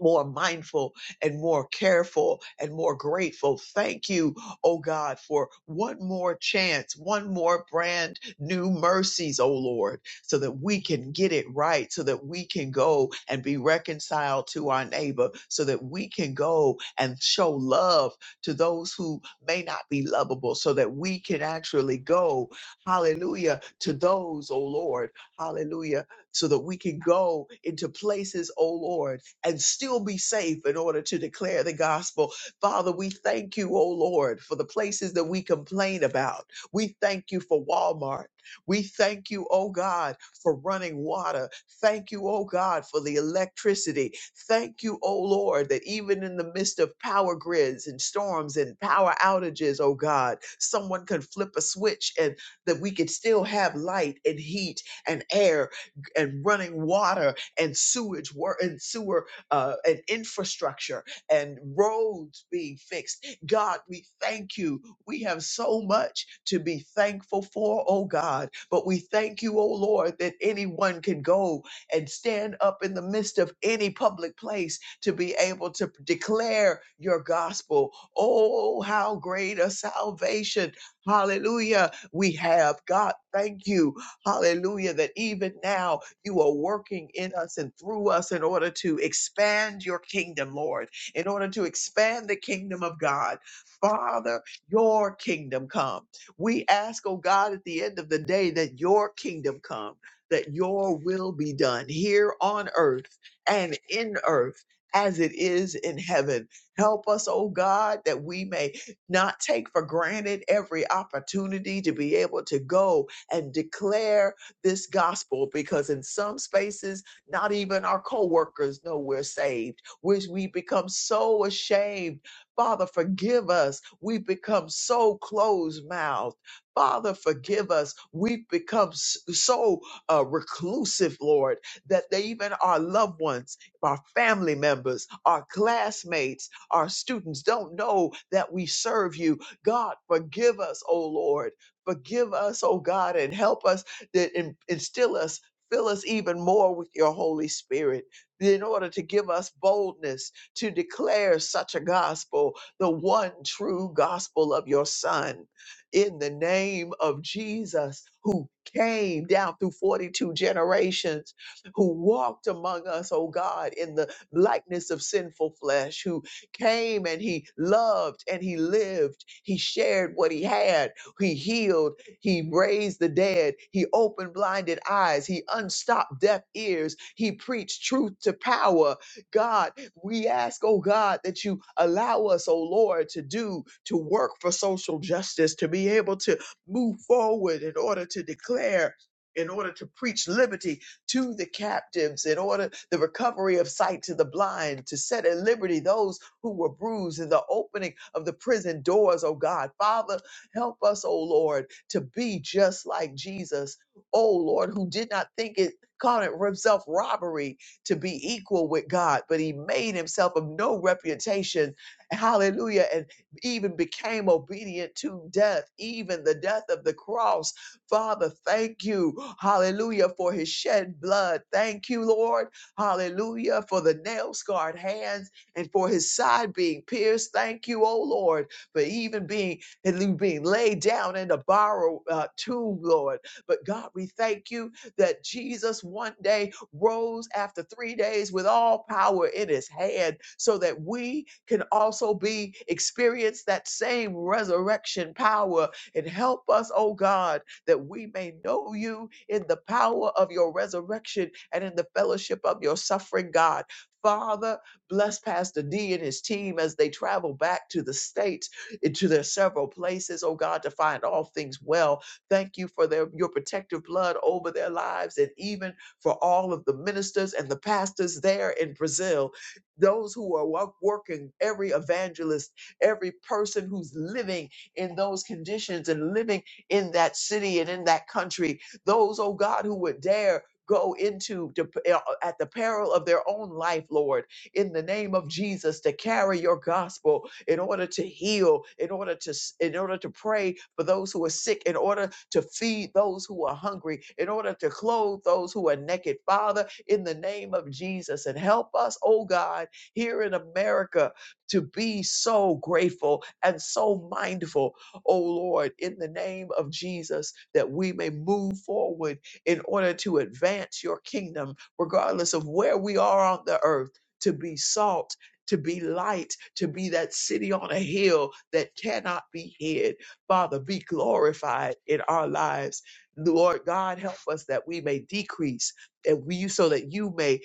more mindful and more careful and more grateful. Thank you, oh God, for one more chance, one more brand new mercies, oh Lord, so that we can get it right, so that we can go and be reconciled to our neighbor, so that we can go and show love to those who may not be lovable, so that we can actually go, hallelujah, to those, oh Lord, hallelujah, so that we can go into places, oh Lord and still be safe in order to declare the gospel. Father, we thank you, oh Lord, for the places that we complain about. We thank you for Walmart. We thank you, oh God, for running water. Thank you, oh God, for the electricity. Thank you, oh Lord, that even in the midst of power grids and storms and power outages, oh God, someone can flip a switch and that we could still have light and heat and air and running water and sewage work and sewer uh, and infrastructure and roads being fixed. God, we thank you. We have so much to be thankful for, oh God. But we thank you, oh Lord, that anyone can go and stand up in the midst of any public place to be able to declare your gospel. Oh, how great a salvation. Hallelujah. We have. God, thank you. Hallelujah. That even now, you are working in us and through us in order to expand your kingdom, Lord, in order to expand the kingdom of God. Father, your kingdom come. We ask, oh God, at the end of the day that your kingdom come, that your will be done here on earth and in earth as it is in heaven. Help us, oh God, that we may not take for granted every opportunity to be able to go and declare this gospel because in some spaces, not even our coworkers know we're saved, which we become so ashamed. Father, forgive us. We've become so closed mouthed. Father, forgive us. We've become s- so uh, reclusive, Lord, that they, even our loved ones, our family members, our classmates, our students don't know that we serve you. God, forgive us, oh Lord. Forgive us, oh God, and help us that in- instill us, fill us even more with your Holy Spirit in order to give us boldness to declare such a gospel, the one true gospel of your Son. In the name of Jesus, who came down through 42 generations, who walked among us, oh God, in the likeness of sinful flesh, who came and he loved and he lived. He shared what he had. He healed he raised the dead. He opened blinded eyes. He unstopped deaf ears. He preached truth to power. God, we ask, oh God, that you allow us, oh Lord, to do, to work for social justice, to be able to move forward in order to declare. In order to preach liberty to the captives, in order the recovery of sight to the blind, to set at liberty those who were bruised, and the opening of the prison doors, oh God. Father, help us, oh Lord to be just like Jesus, oh Lord, who did not think it, called it himself robbery to be equal with God, but he made himself of no reputation. Hallelujah. And even became obedient to death, even the death of the cross. Father, thank you. Hallelujah for his shed blood. Thank you, Lord. Hallelujah for the nail scarred hands and for his side being pierced. Thank you, oh Lord, for even being and you being laid down in a borrowed uh, tomb, Lord. But God, we thank you that Jesus one day rose after three days with all power in his hand so that we can also be experience that same resurrection power and help us, oh God, that we may know you in the power of your resurrection and in the fellowship of your suffering, God. Father, bless Pastor D and his team as they travel back to the States into their several places, oh God, to find all things well. Thank you for their your protective blood over their lives and even for all of the ministers and the pastors there in Brazil, those who are wo- working, every evangelist, every person who's living in those conditions and living in that city and in that country, those, oh God, who would dare go into to, uh, at the peril of their own life, Lord, in the name of Jesus, to carry your gospel, in order to heal, in order to in order to pray for those who are sick, in order to feed those who are hungry, in order to clothe those who are naked. Father, in the name of Jesus, and help us, oh God, here in America to be so grateful and so mindful, oh Lord, in the name of Jesus, that we may move forward in order to advance your kingdom, regardless of where we are on the earth, to be salt to be light, to be that city on a hill that cannot be hid. Father, be glorified in our lives. Lord God, help us that we may decrease and we so that you may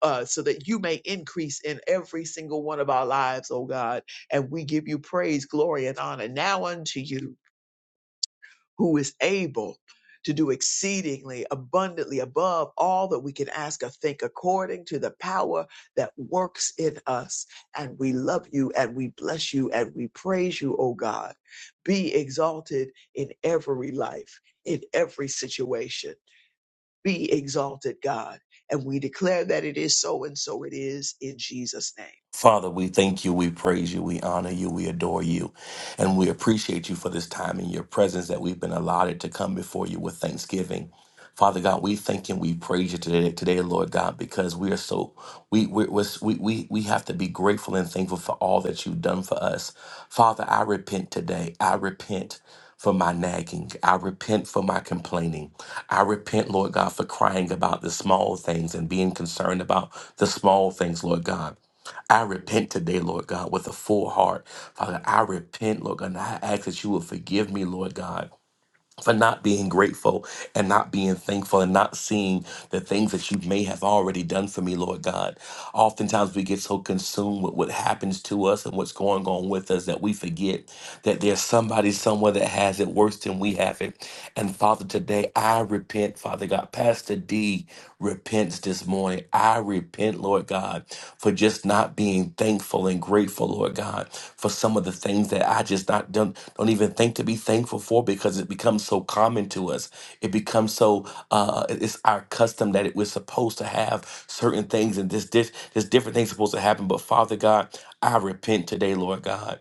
uh, so that you may increase in every single one of our lives, oh God. And we give you praise, glory, and honor now unto you who is able to do exceedingly abundantly above all that we can ask or think according to the power that works in us. And we love you and we bless you and we praise you, O God. Be exalted in every life, in every situation. Be exalted, God. And we declare that it is so and so it is in Jesus' name.
Father, we thank you, we praise you, we honor you, we adore you, and we appreciate you for this time in your presence that we've been allotted to come before you with thanksgiving. Father God, we thank and we praise you today, today, Lord God, because we are so we we we're- we we we have to be grateful and thankful for all that you've done for us. Father, I repent today. I repent for my nagging. I repent for my complaining. I repent, Lord God, for crying about the small things and being concerned about the small things, Lord God. I repent today, Lord God, with a full heart. Father, I repent, Lord God, and I ask that you will forgive me, Lord God. For not being grateful and not being thankful and not seeing the things that you may have already done for me, Lord God. Oftentimes we get so consumed with what happens to us and what's going on with us that we forget that there's somebody somewhere that has it worse than we have it. And Father, today I repent, Father God. Pastor D repents this morning. I repent, Lord God, for just not being thankful and grateful, Lord God, for some of the things that I just not don't, don't even think to be thankful for because it becomes so common to us. It becomes so uh, it's our custom that it, we're supposed to have certain things and this this this different things supposed to happen. But Father God, I repent today, Lord God.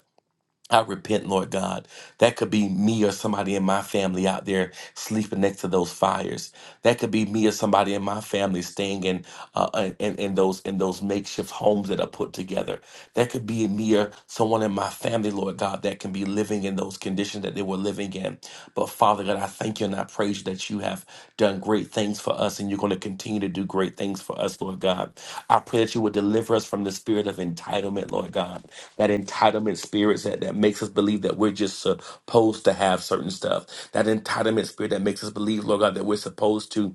I repent, Lord God. That could be me or somebody in my family out there sleeping next to those fires. That could be me or somebody in my family staying in uh, in, in those in those makeshift homes that are put together. That could be me or someone in my family, Lord God, that can be living in those conditions that they were living in. But Father God, I I thank you and I praise you that you have done great things for us and you're going to continue to do great things for us, Lord God. I pray that you would deliver us from the spirit of entitlement, Lord God. That entitlement spirit that, that makes us believe that we're just supposed to have certain stuff. That entitlement spirit that makes us believe, Lord God, that we're supposed to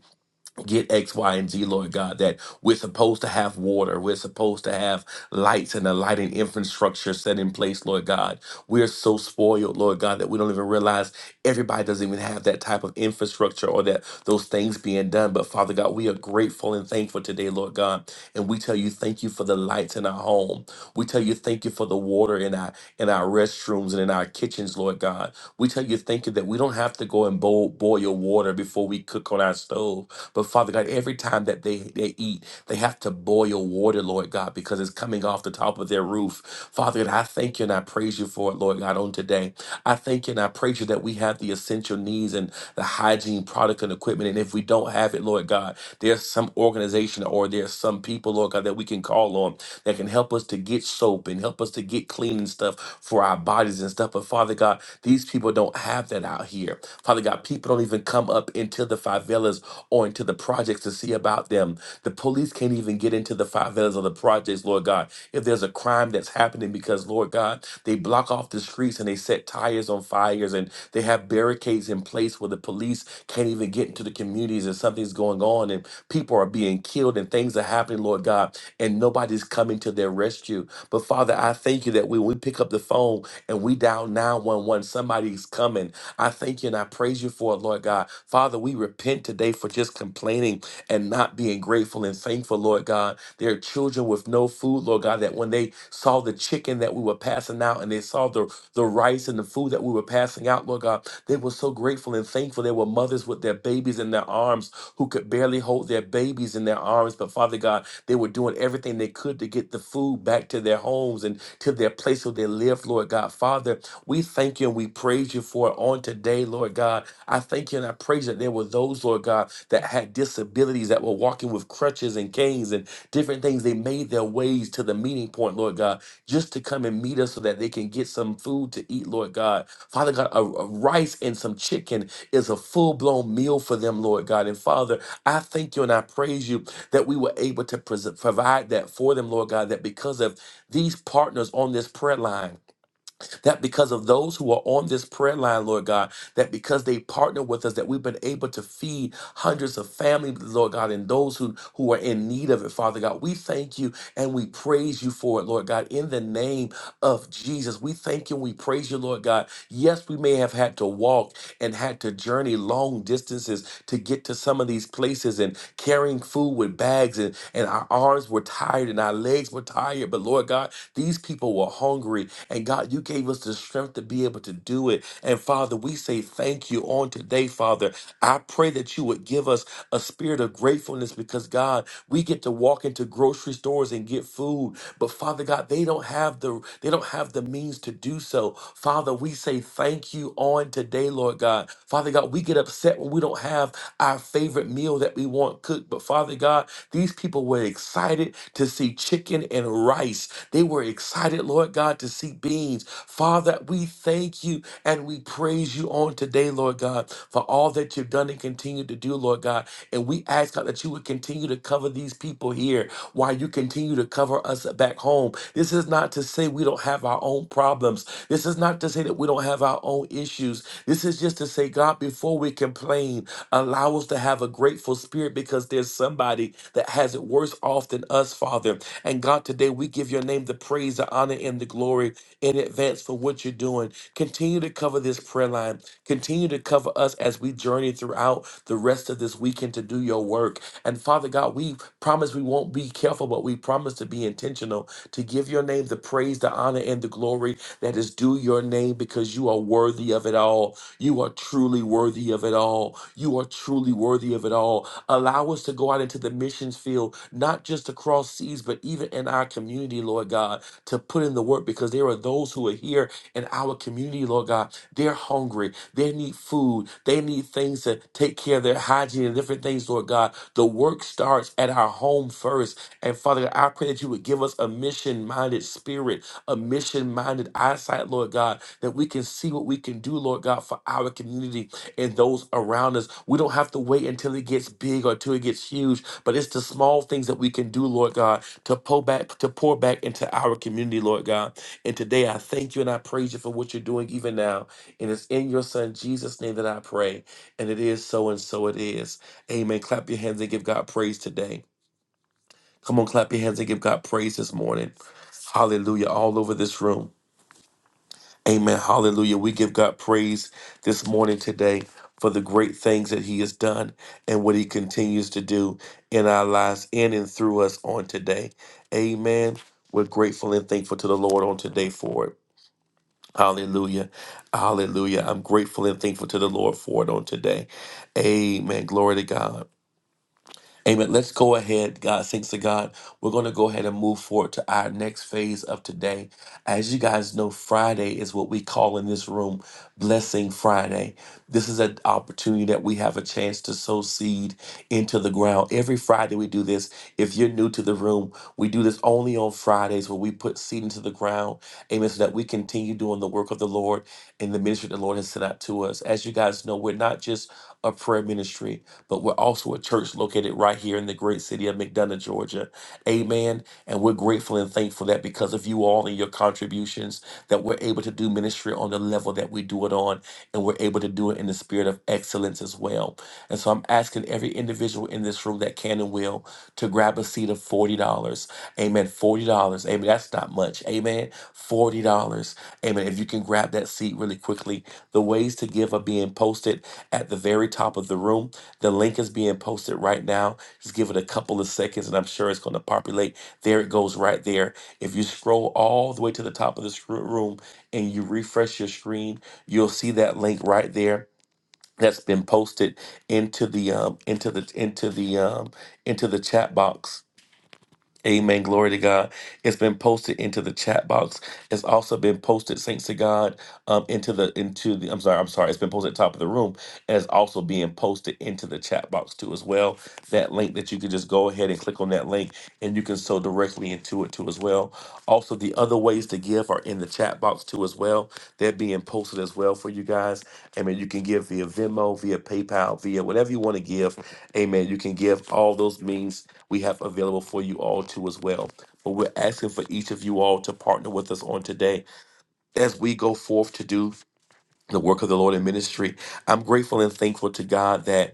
get X, Y, and Z, Lord God, that we're supposed to have water. We're supposed to have lights and a lighting infrastructure set in place, Lord God. We're so spoiled, Lord God, that we don't even realize everybody doesn't even have that type of infrastructure or that those things being done. But Father God, we are grateful and thankful today, Lord God. And we tell you thank you for the lights in our home. We tell you thank you for the water in our in our restrooms and in our kitchens, Lord God. God. We tell you, thank you that we don't have to go and boil, boil your water before we cook on our stove. But Father God, every time that they, they eat, they have to boil water, Lord God, because it's coming off the top of their roof. Father God, I thank you and I praise you for it, Lord God, on today. I thank you and I praise you that we have the essential needs and the hygiene product and equipment. And if we don't have it, Lord God, there's some organization or there's some people, Lord God, that we can call on that can help us to get soap and help us to get clean and stuff for our bodies and stuff. But Father God, these people don't have that out here. Father God, people don't even come up into the favelas or into the projects to see about them. The police can't even get into the favelas or the projects, Lord God. If there's a crime that's happening because, Lord God, they block off the streets and they set tires on fires and they have barricades in place where the police can't even get into the communities and something's going on and people are being killed and things are happening, Lord God and nobody's coming to their rescue. But Father, I thank you that when we pick up the phone and we dial 911, somebody's coming. I thank you and I praise you for it, Lord God. Father, we repent today for just complaining and not being grateful and thankful, Lord God. There are children with no food, Lord God, that when they saw the chicken that we were passing out and they saw the, the rice and the food that we were passing out, Lord God, they were so grateful and thankful. There were mothers with their babies in their arms who could barely hold their babies in their arms. But Father God, they were doing everything they could to get the food back to their homes and to their place where they live, Lord God. Father, we thank you and we praise you for it on today, Lord God. I thank you and I praise that there were those, Lord God, that had disabilities that were walking with crutches and canes and different things. They made their ways to the meeting point, Lord God, just to come and meet us so that they can get some food to eat, Lord God. Father God, a, a rice and some chicken is a full blown meal for them, Lord God. And Father, I thank you and I praise you that we were able to pres- provide that for them, Lord God, that because of these partners on this prayer line, that because of those who are on this prayer line, Lord God, that because they partner with us, that we've been able to feed hundreds of families, Lord God, and those who, who are in need of it, Father God. We thank you and we praise you for it, Lord God, in the name of Jesus. We thank you and we praise you, Lord God. Yes, we may have had to walk and had to journey long distances to get to some of these places and carrying food with bags and, and our arms were tired and our legs were tired. But Lord God, these people were hungry and God, you gave us the strength to be able to do it. And Father, we say thank you on today, Father. I pray that you would give us a spirit of gratefulness because, God, we get to walk into grocery stores and get food, but Father God, they don't have the they don't have the means to do so. Father, we say thank you on today, Lord God. Father God, we get upset when we don't have our favorite meal that we want cooked, but Father God, these people were excited to see chicken and rice. They were excited, Lord God, to see beans. Father, we thank you and we praise you on today, Lord God, for all that you've done and continue to do, Lord God. And we ask God that you would continue continue to cover these people here, while you continue to cover us back home. This is not to say we don't have our own problems. This is not to say that we don't have our own issues. This is just to say, God, before we complain, allow us to have a grateful spirit because there's somebody that has it worse off than us, Father. And God, today we give your name the praise, the honor, and the glory in advance for what you're doing. Continue to cover this prayer line. Continue to cover us as we journey throughout the rest of this weekend to do your work. And Father God, we promise we won't be careful, but we promise to be intentional to give your name the praise, the honor, and the glory that is due your name because you are worthy of it all. You are truly worthy of it all. You are truly worthy of it all. Allow us to go out into the missions field, not just across seas, but even in our community, Lord God, to put in the work because there are those who are here in our community, Lord God. They're hungry. They need food. They need things to take care of their hygiene and different things, Lord God. The work starts at our home first. And Father God, I pray that you would give us a mission minded spirit, a mission minded eyesight, Lord God, that we can see what we can do, Lord God, for our community and those around us. We don't have to wait until it gets big or until it gets huge, but it's the small things that we can do, Lord God, to pour back, to pour back into our community, Lord God. And today I thank you and I praise you for what you're doing even now. And it's in your son Jesus' name that I pray. And it is so and so it is. Amen. Clap your hands and give God praise today. Come on, clap your hands and give God praise this morning. Hallelujah. All over this room. Amen. Hallelujah. We give God praise this morning today for the great things that He has done and what He continues to do in our lives, in and through us on today. Amen. We're grateful and thankful to the Lord on today for it. Hallelujah. Hallelujah. I'm grateful and thankful to the Lord for it on today. Amen. Glory to God. Amen. Let's go ahead. God, thanks to God. We're going to go ahead and move forward to our next phase of today. As you guys know, Friday is what we call in this room Blessing Friday. This is an opportunity that we have a chance to sow seed into the ground. Every Friday we do this. If you're new to the room, we do this only on Fridays where we put seed into the ground. Amen. So that we continue doing the work of the Lord and the ministry the Lord has sent out to us. As you guys know, we're not just a prayer ministry but we're also a church located right here in the great city of McDonough, Georgia. Amen. And we're grateful and thankful that because of you all and your contributions, that we're able to do ministry on the level that we do it on, and we're able to do it in the spirit of excellence as well. And so I'm asking every individual in this room that can and will to grab a seat of $40. Amen. $40. Amen. That's not much. Amen. $40. Amen. If you can grab that seat really quickly, the ways to give are being posted at the very top of the room. The link is being posted right now. Just give it a couple of seconds, and I'm sure it's going to populate. There it goes, right there. If you scroll all the way to the top of the scr- room and you refresh your screen, you'll see that link right there. That's been posted into the um, into the into the um, into the chat box Amen. Glory to God. It's been posted into the chat box. It's also been posted, thanks to God, um, into the into the. I'm sorry. I'm sorry. It's been posted at the top of the room, and it's also being posted into the chat box too, as well. That link that you can just go ahead and click on that link, and you can sow directly into it too, as well. Also, the other ways to give are in the chat box too, as well. They're being posted as well for you guys. Amen. You can give via Venmo, via PayPal, via whatever you want to give. Amen. You can give all those means we have available for you all too as well. But we're asking for each of you all to partner with us on today as we go forth to do the work of the Lord in ministry. I'm grateful and thankful to God that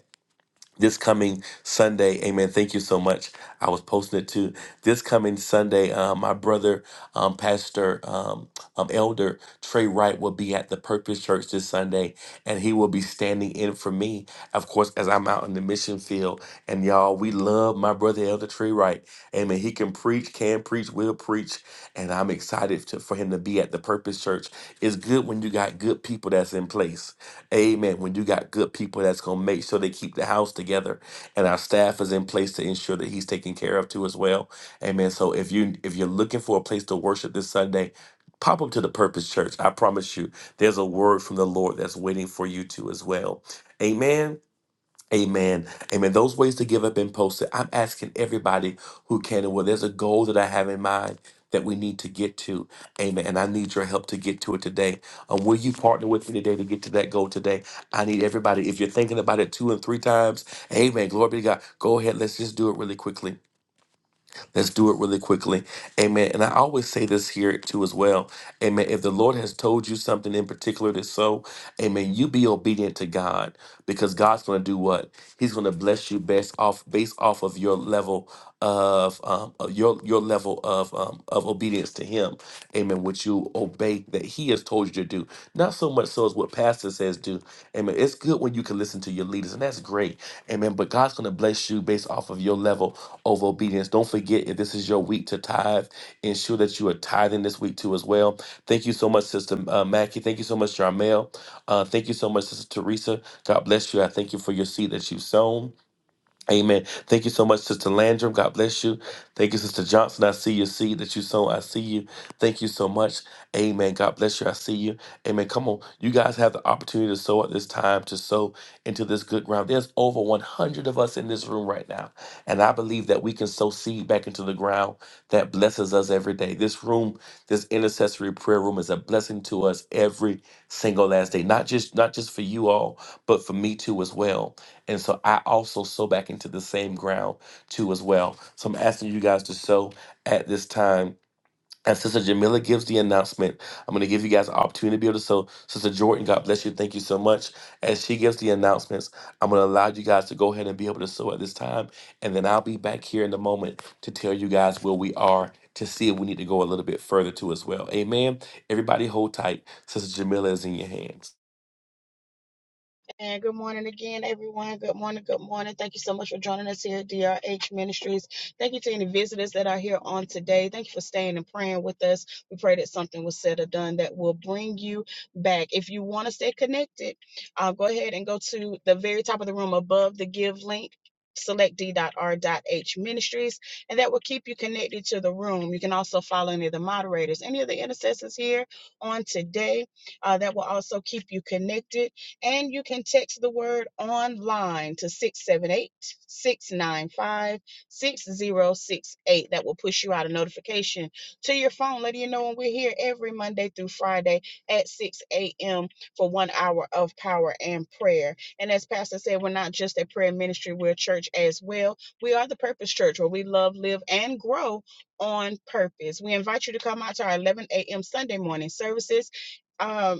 this coming Sunday, amen. Thank you so much. I was posting it too. This coming Sunday, um, my brother, um, Pastor, um, um, Elder Trey Wright will be at the Purpose Church this Sunday, and he will be standing in for me, of course, as I'm out in the mission field. And y'all, we love my brother, Elder Trey Wright. Amen. He can preach, can preach, will preach, and I'm excited to, for him to be at the Purpose Church. It's good when you got good people that's in place. Amen. When you got good people, that's going to make sure they keep the house together, and our staff is in place to ensure that he's taken care of too as well. Amen. So if you if you're looking for a place to worship this Sunday, pop up to the Purpose Church. I promise you, there's a word from the Lord that's waiting for you too as well. Amen. Amen. Amen. Those ways to give have been posted. I'm asking everybody who can and will. There's a goal that I have in mind that we need to get to. Amen. And I need your help to get to it today. Um, will you partner with me today to get to that goal today? I need everybody. If you're thinking about it two and three times, amen. Glory be to God. Go ahead. Let's just do it really quickly. Let's do it really quickly. Amen. And I always say this here too as well. Amen. If the Lord has told you something in particular to so, amen, you be obedient to God because God's going to do what? He's going to bless you based off based off of your level of um, of your your level of um, of obedience to him amen what you obey that he has told you to do not so much so as what pastor says do amen it's good when you can listen to your leaders and that's great amen but god's going to bless you based off of your level of obedience. Don't forget, if this is your week to tithe, ensure that you are tithing this week too as well. Thank you so much, Sister uh, Mackie. Thank you so much, Jarmel. Uh, thank you so much, Sister Teresa. God bless you. I thank you for your seed that you've sown. Amen. Thank you so much, Sister Landrum. God bless you. Thank you, Sister Johnson. I see your seed that you sown. I see you. Thank you so much. Amen. God bless you. I see you. Amen. Come on. You guys have the opportunity to sow at this time, to sow into this good ground. There's over 100 of us in this room right now. And I believe that we can sow seed back into the ground that blesses us every day. This room, this intercessory prayer room is a blessing to us every single last day. Not just not just for you all, but for me too as well. And so I also sow back into the same ground too as well. So I'm asking you guys to sow at this time. As Sister Jamila gives the announcement, I'm going to give you guys an opportunity to be able to sow. Sister Jordan, God bless you. Thank you so much. As she gives the announcements, I'm going to allow you guys to go ahead and be able to sow at this time. And then I'll be back here in a moment to tell you guys where we are to see if we need to go a little bit further too as well. Amen. Everybody hold tight. Sister Jamila is in your hands.
And good morning again, everyone. Good morning. Good morning. Thank you so much for joining us here at DRH Ministries. Thank you to any visitors that are here on today. Thank you for staying and praying with us. We pray that something was said or done that will bring you back. If you want to stay connected, uh, go ahead and go to the very top of the room above the give link. Select d.r.h ministries, and that will keep you connected to the room. You can also follow any of the moderators, any of the intercessors here on today. Uh, that will also keep you connected and you can text the word online to 678 695 6068. That will push you out a notification to your phone, letting you know when we're here every Monday through Friday at 6 a.m. for one hour of power and prayer. And as Pastor said, we're not just a prayer ministry, we're a church as well. We are the Purpose Church where we love, live, and grow on purpose. We invite you to come out to our 11 a.m. Sunday morning services Um,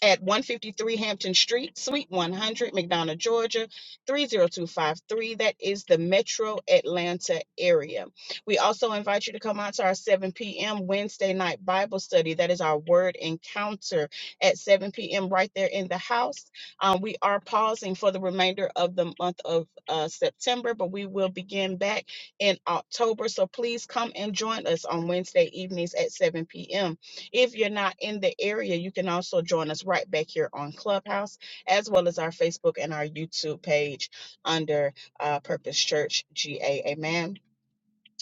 at 153 Hampton Street, Suite 100, McDonough, Georgia, 30253. That is the Metro Atlanta area. We also invite you to come out to our 7 p.m. Wednesday night Bible study. That is our word encounter at 7 p.m. right there in the house. Um, we are pausing for the remainder of the month of uh, September, but we will begin back in October. So please come and join us on Wednesday evenings at 7 p.m. If you're not in the area, you can also join us right back here on Clubhouse, as well as our Facebook and our YouTube page under uh, Purpose Church GA. Amen.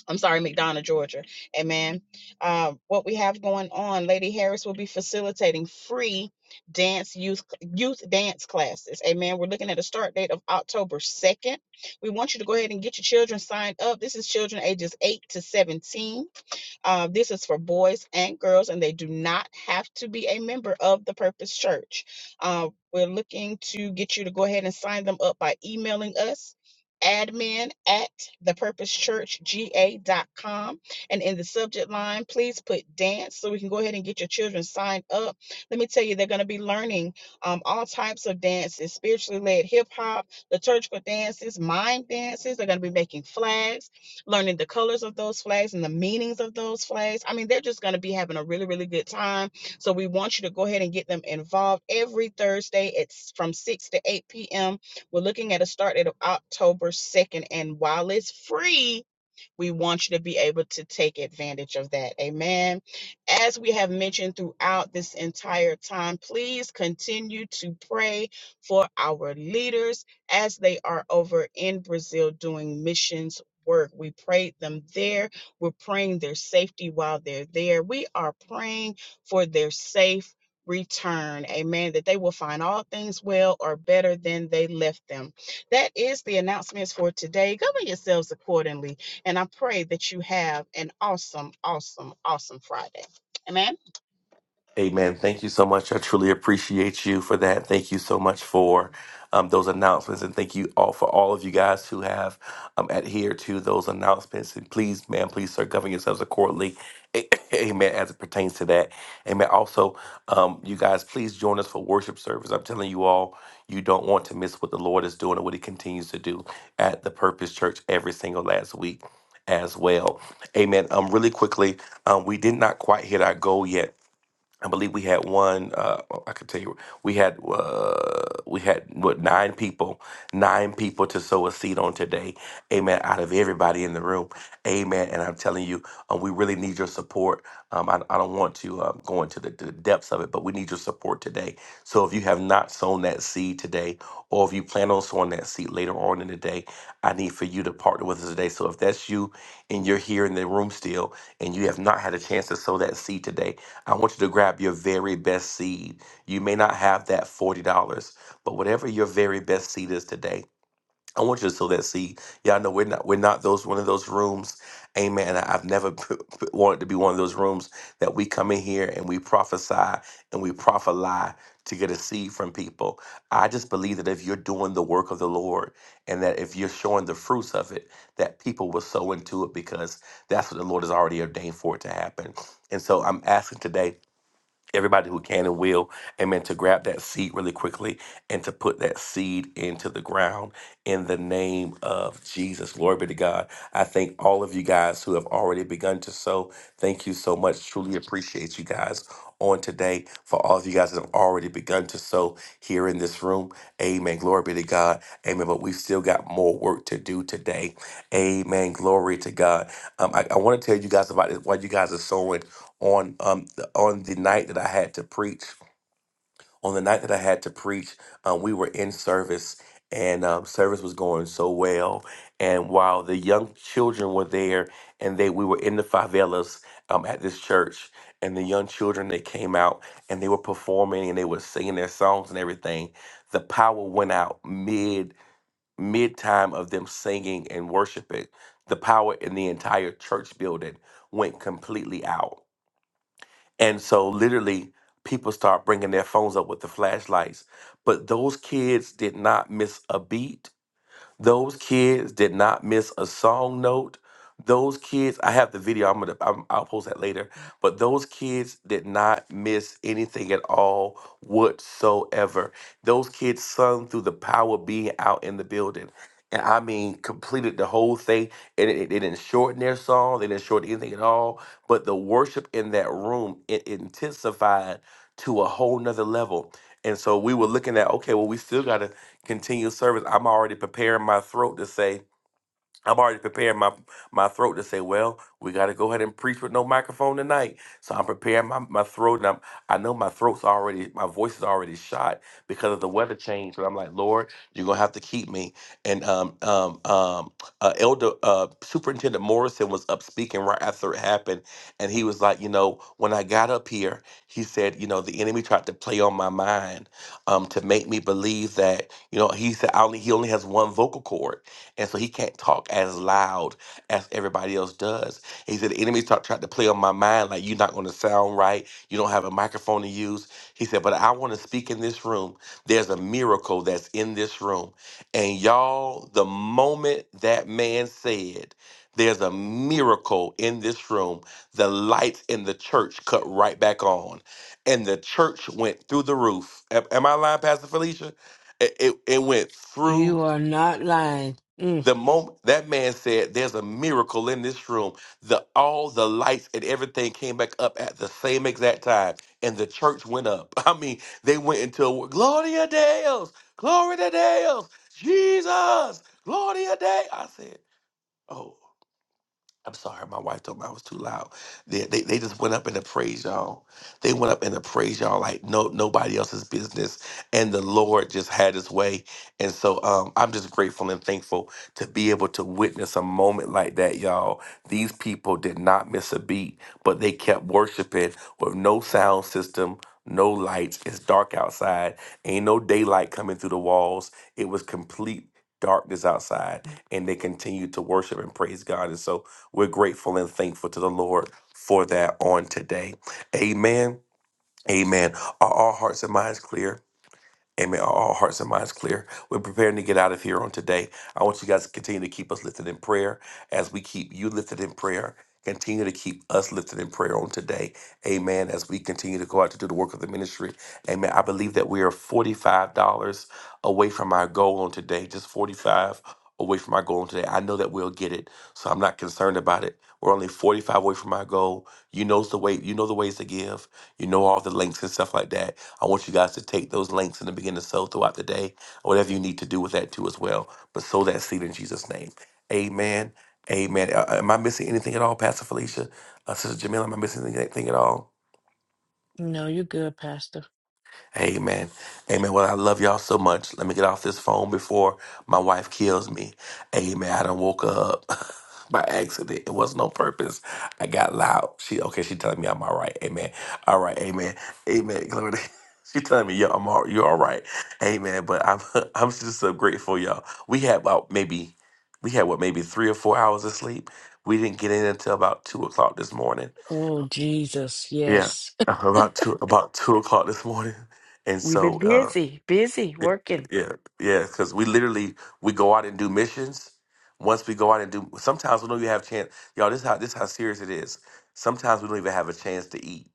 I'm sorry, McDonough, Georgia. Amen. Uh, what we have going on, Lady Harris will be facilitating free dance youth youth dance classes. Amen. We're looking at a start date of October 2nd. We want you to go ahead and get your children signed up. This is children ages 8 to 17 um, this is for boys and girls, and they do not have to be a member of the Purpose Church. Uh, we're looking to get you to go ahead and sign them up by emailing us admin at thepurposechurchga.com and in the subject line please put dance so we can go ahead and get your children signed up let me tell you they're going to be learning um, all types of dances spiritually led hip-hop liturgical dances mime dances they're going to be making flags learning the colors of those flags and the meanings of those flags. I mean, they're just going to be having a really, really good time. So we want you to go ahead and get them involved every Thursday. It's from 6 to 8 p.m. We're looking at a start date of October 2nd. And while it's free, we want you to be able to take advantage of that. Amen. As we have mentioned throughout this entire time, please continue to pray for our leaders as they are over in Brazil doing missions work. We prayed them there. We're praying their safety while they're there. We are praying for their safe return. Amen. That they will find all things well or better than they left them. That is the announcements for today. Govern yourselves accordingly. And I pray that you have an awesome, awesome, awesome Friday. Amen.
Amen. Thank you so much. I truly appreciate you for that. Thank you so much for um, those announcements, and thank you all for all of you guys who have um, adhered to those announcements. And please, man, please, sir, govern yourselves accordingly. A- Amen. As it pertains to that, Amen. Also, um, you guys, please join us for worship service. I'm telling you all, you don't want to miss what the Lord is doing and what He continues to do at the Purpose Church every single last week as well. Amen. Um, really quickly, um, we did not quite hit our goal yet I believe we had one. Uh, oh, I can tell you, we had uh, we had what nine people, nine people to sow a seed on today. Amen. Out of everybody in the room, amen. And I'm telling you, um, we really need your support. Um, I, I don't want to um, go into the, the depths of it, but we need your support today. So if you have not sown that seed today, or if you plan on sowing that seed later on in the day, I need for you to partner with us today. So if that's you and you're here in the room still, and you have not had a chance to sow that seed today I want you to grab your very best seed. You may not have that $40, but whatever your very best seed is today, I want you to sow that seed. Y'all know we're not we're not those one of those rooms. Amen. I- I've never p- p- wanted to be one of those rooms that we come in here and we prophesy and we prophesy to get a seed from people. I just believe that if you're doing the work of the Lord and that if you're showing the fruits of it, that people will sow into it because that's what the Lord has already ordained for it to happen. And so I'm asking today everybody who can and will, amen, to grab that seed really quickly and to put that seed into the ground in the name of Jesus. Glory be to God. I thank all of you guys who have already begun to sow. Thank you so much. Truly appreciate you guys on today for all of you guys that have already begun to sow here in this room. Amen. Glory be to God. Amen. But we've still got more work to do today. Amen. Glory to God. Um, I, I want to tell you guys about it while you guys are sowing on um, on the night that I had to preach, on the night that I had to preach, um, we were in service and um, service was going so well. And while the young children were there and they we were in the favelas um, at this church and the young children they came out and they were performing and they were singing their songs and everything, the power went out mid mid time of them singing and worshiping. The power in the entire church building went completely out and so literally people start bringing their phones up with the flashlights. But those kids did not miss a beat those kids did not miss a song note. Those kids, I have the video. I'm gonna, I'm, I'll post that later. But those kids did not miss anything at all whatsoever. Those kids sung through the power of being out in the building, and I mean, completed the whole thing. And it, it they didn't shorten their song. They didn't shorten anything at all. But the worship in that room it intensified to a whole nother level. And so we were looking at, okay, well, we still gotta continued service, I'm already preparing my throat to say, I'm already preparing my my throat to say, well, we got to go ahead and preach with no microphone tonight. So I'm preparing my, my throat, and I'm I know my throat's already, my voice is already shot because of the weather change. But I'm like, Lord, you're gonna have to keep me. And um um um uh, Elder uh, Superintendent Morrison was up speaking right after it happened, and he was like, you know, when I got up here, he said, you know, the enemy tried to play on my mind, um, to make me believe that, you know, he said I only he only has one vocal cord. And so he can't talk as loud as everybody else does. He said, The enemy start, tried to play on my mind, like, you're not going to sound right. You don't have a microphone to use. He said, But I want to speak in this room. There's a miracle that's in this room. And y'all, the moment that man said, there's a miracle in this room. The lights in the church cut right back on, and the church went through the roof. Am am I lying, Pastor Felicia? It, it, it went
You
through
are not lying. Mm.
the moment that man said, "There's a miracle in this room," the all the lights and everything came back up at the same exact time, and the church went up. I mean, they went into Gloria Deus, Gloria Deus, Jesus, Gloria Deus. I said, "Oh." I'm sorry, my wife told me I was too loud. They, they they just went up and praise y'all. They went up and praise y'all like no nobody else's business. And the Lord just had his way. And so um, I'm just grateful and thankful to be able to witness a moment like that, y'all. These people did not miss a beat, but they kept worshiping with no sound system. No lights. It's dark outside. Ain't no daylight coming through the walls. It was complete darkness outside, and they continued to worship and praise God. And so, we're grateful and thankful to the Lord for that on today. Amen. Amen. Are all hearts and minds clear? Amen. Are All hearts and minds clear. We're preparing to get out of here on today. I want you guys to continue to keep us lifted in prayer as we keep you lifted in prayer. Continue to keep us lifted in prayer on today. Amen. As we continue to go out to do the work of the ministry. Amen. I believe that we are $45 away from our goal on today. Just 45 away from our goal on today. I know that we'll get it. So I'm not concerned about it. We're only 45 away from our goal. You knows the way, you know the ways to give. You know all the links and stuff like that I want you guys to take those links and to begin to sow throughout the day, or whatever you need to do with that too as well. But sow that seed in Jesus' name. Amen. Amen. Uh, am I missing anything at all, Pastor Felicia? Uh, Sister Jamila, am I missing anything at all?
No, you're good, Pastor.
Amen. Amen. Well, I love y'all so much. Let me get off this phone before my wife kills me. Amen. I done woke up by accident. It was no purpose. I got loud. She okay, she telling me I'm all right. Amen. All right, amen. Amen. Glory to She telling me, yo, I'm all you're all right. Amen. But I'm I'm just so grateful, y'all. We had about maybe we had what maybe three or four hours of sleep. We didn't get in until about two o'clock this morning.
Oh, Jesus,
Yeah.
yes.
About two about two o'clock this morning. And
We've been
so uh,
busy, busy
yeah,
working.
yeah, yeah. Because we literally we go out and do missions. Once we go out and do, sometimes we don't even have chance. Y'all, this is how this is how serious it is. Sometimes we don't even have a chance to eat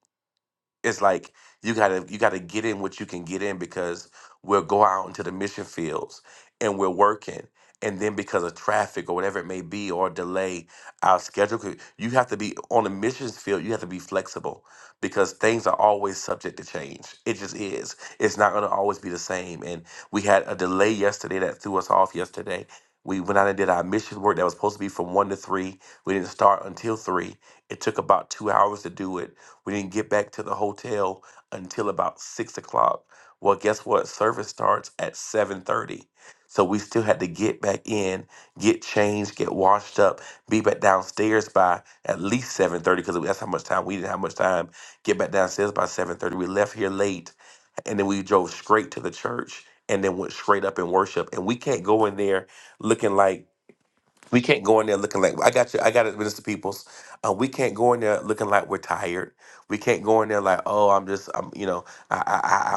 it's like you gotta you gotta get in what you can get in because we'll go out into the mission fields and we're working and then because of traffic or whatever it may be or delay our schedule could- you have to be on the missions field you have to be flexible because things are always subject to change it just is it's not going to always be the same and we had a delay yesterday that threw us off yesterday we went out and did our mission work that was supposed to be from 1 to 3 we didn't start until 3 it took about two hours to do it we didn't get back to the hotel until about six o'clock. Well, guess what? Service starts at seven thirty, so we still had to get back in, get changed, get washed up, be back downstairs by at least seven thirty because that's how much time we didn't have much time. Get back downstairs by seven thirty. We left here late, and then we drove straight to the church, and then went straight up in worship. And we can't go in there looking like we can't go in there looking like I got you. I got it, Minister Peoples. Uh, we can't go in there looking like we're tired. We can't go in there like, oh, I'm just, I'm, you know, I,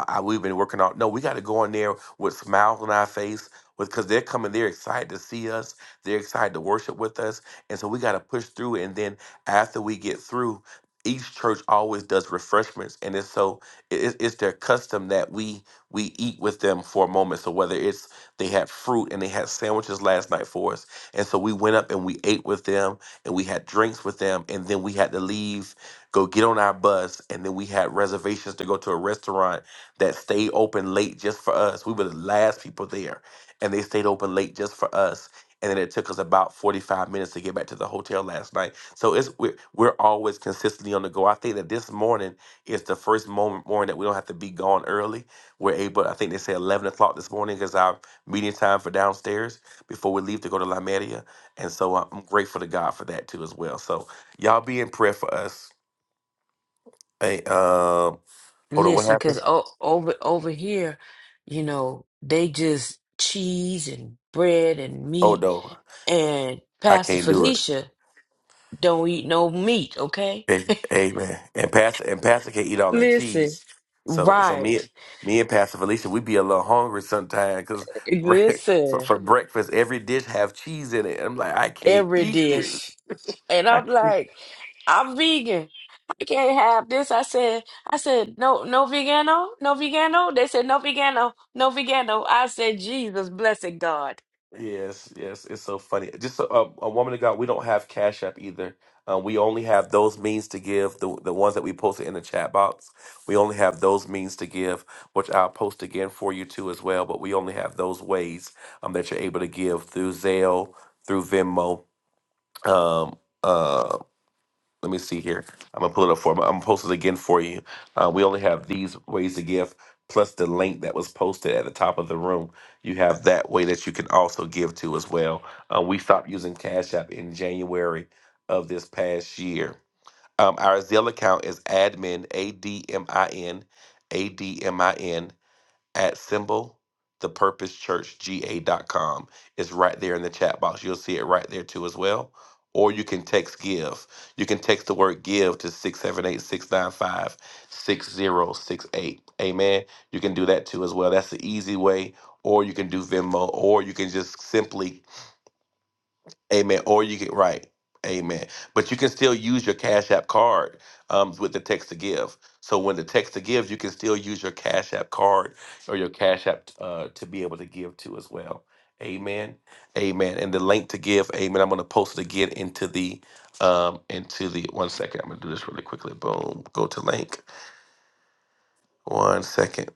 I, I, I we've been working out. No, we got to go in there with smiles on our face, with because they're coming, they're excited to see us, they're excited to worship with us, and so we got to push through. And then after we get through, each church always does refreshments, and it's so it, it's it's their custom that we we eat with them for a moment. So whether it's they had fruit and they had sandwiches last night for us and so we went up and we ate with them and we had drinks with them. And then we had to leave, go get on our bus. And then we had reservations to go to a restaurant that stayed open late just for us. We were the last people there and they stayed open late just for us. And then it took us about 45 minutes to get back to the hotel last night. So it's we're, we're always consistently on the go. I think that this morning is the first moment morning that we don't have to be gone early. We're able, I think they say 11 o'clock this morning is our meeting time for downstairs before we leave to go to Limeria. And so I'm grateful to God for that too as well. So y'all be in prayer for us. Hey, um, hold on, what
Listen, because
happened?
o- over over here, you know, they just cheese and bread and
Oh
meat,
no,
and
I
Pastor
can't do it.
Felicia don't eat no meat. Okay,
Hey, amen. And Pastor and Pastor can't eat all that
listen,
cheese. So so me
right?
me and Pastor Felicia, we be a little hungry sometimes because for
Listen.
for breakfast, every dish have cheese in it. I'm like, I can't
every
eat this.
dish. And I'm like, I'm vegan. I can't have this. I said, I said, no, no vegano, no vegano. They said, no vegano, no vegano. I said, Jesus, blessed God.
Yes, yes, it's so funny. Just a, a, a woman of God, we don't have Cash App either. Um, we only have those means to give, the the ones that we posted in the chat box. We only have those means to give, which I'll post again for you too as well. But we only have those ways um, that you're able to give through Zelle, through Venmo, um, uh let me see here. I'm gonna pull it up for. I'm gonna post it again for you. Uh, we only have these ways to give, plus the link that was posted at the top of the room. You have that way that you can also give to as well. Um, we stopped using Cash App in January of this past year. Um, our Zelle account is admin a d m i n a d m i n at symbol the purpose church g a dot com It's right there in the chat box. You'll see it right there too as well. Or you can text give. You can text the word give to six seven eight six nine five six zero six eight. Amen. You can do that too as well. That's the easy way. Or you can do Venmo, or you can just simply Amen. Or you can right. Amen. But you can still use your Cash App card um, with the text to give. So when the text to give, you can still use your Cash App card or your Cash App uh, to be able to give to as well. Amen. Amen. And the link to give, amen. I'm gonna post it again into the um into the one second. I'm gonna do this really quickly. Boom. Go to link. One second.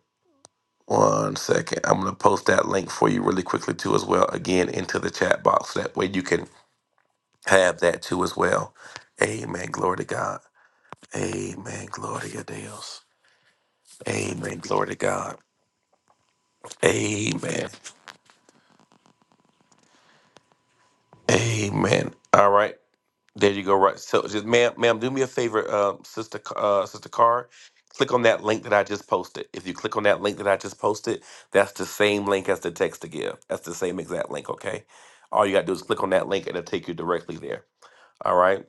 One second. I'm gonna post that link for you really quickly too as well. Again into the chat box. That way you can have that too as well. Amen. Glory to God. Amen. Glory to Deus. Amen. Glory to God. Amen. Amen. All right. There you go. Right. So just ma'am, ma'am, do me a favor, um, sister C- uh sister Carr. Click on that link that I just posted. If you click on that link that I just posted, that's the same link as the text to give. That's the same exact link, okay? All you gotta do is click on that link and it'll take you directly there. All right.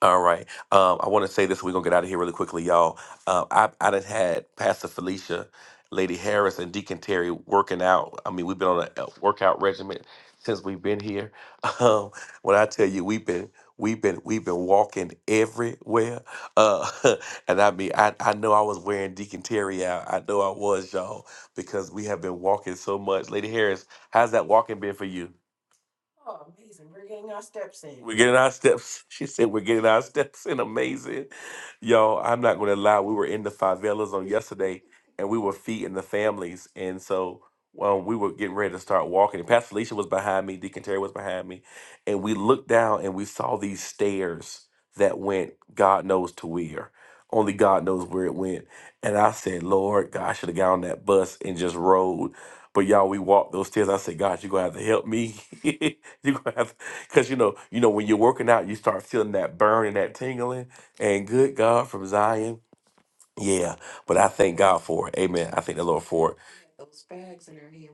All right. Um, I want to say this. We're gonna get out of here really quickly, y'all. Uh, I I done had Pastor Felicia, Lady Harris, and Deacon Terry working out. I mean, we've been on a a workout regimen since we've been here. Um, when I tell you, we've been we've been we've been walking everywhere. Uh, and I mean, I I know I was wearing Deacon Terry out. I know I was, y'all, because we have been walking so much. Lady Harris, how's that walking been for you? We're getting our steps. She said we're getting our steps in. Amazing. y'all. I'm not gonna lie. We were in the favelas on yesterday and we were feeding the families. And so well, we were getting ready to start walking. And Pastor Felicia was behind me, Deacon Terry was behind me, and we looked down and we saw these stairs that went God knows to where. Only God knows where it went. And I said, Lord, God, I should have got on that bus and just rode. But y'all, we walked those stairs. I said, God, you're gonna have to help me. you gonna have because you know you know when you're working out you start feeling that burn and that tingling and good god from zion yeah, but I thank God for it. Amen. I thank the Lord for it.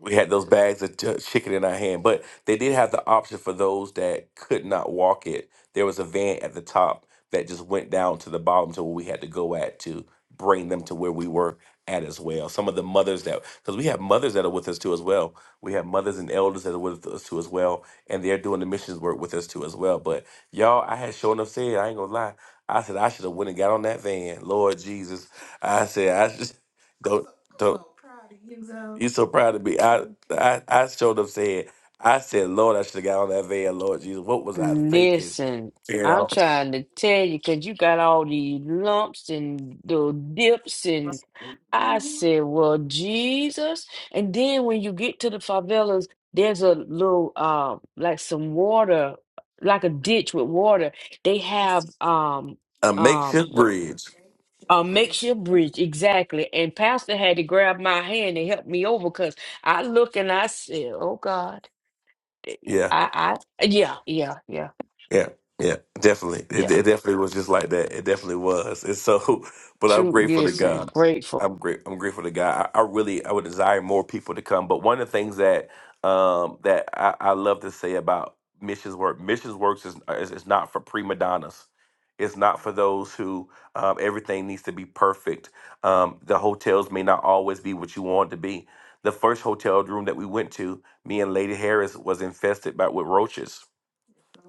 We had those bags of ch- chicken in our hand, but they did have the option for those that could not walk it. There was a van at the top that just went down to the bottom to where we had to go at to bring them to where we were at as well. Some of the mothers that, because we have mothers that are with us too as well. We have mothers and elders that are with us too as well, and they're doing the missions work with us too as well. But y'all, I had sure enough said, I ain't gonna lie. I said I should have went and got on that van, Lord Jesus. I said, I just go. Don't You so proud of me. I, I, I showed up said, I said, Lord, I should have got on that van, Lord Jesus. What was I thinking?
Listen,
You
I'm
know,
trying to tell you because you got all these lumps and the dips and I said, well, Jesus. And then when you get to the favelas, there's a little, uh, like some water, like a ditch with water. They have um,
a
um,
makeshift
what
bridge.
a makeshift bridge, exactly. And Pastor had to grab my hand and help me over because I look and I said, oh God, Eh,
Yeah.
I, I, yeah, yeah, yeah.
Yeah, yeah, definitely.
Yeah.
It, it definitely was just like that. It definitely was. And so, but I'm
True,
grateful to
yes, and
God.
grateful.
I'm great. I'm grateful to God. I, I really, I would desire more people to come. But one of the things that um, that I, I love to say about missions work, missions works is is, is not for prima donnas. It's not for those who um, everything needs to be perfect. Um, the hotels may not always be what you want it to be. The first hotel room that we went to, me and Lady Harris was infested by with roaches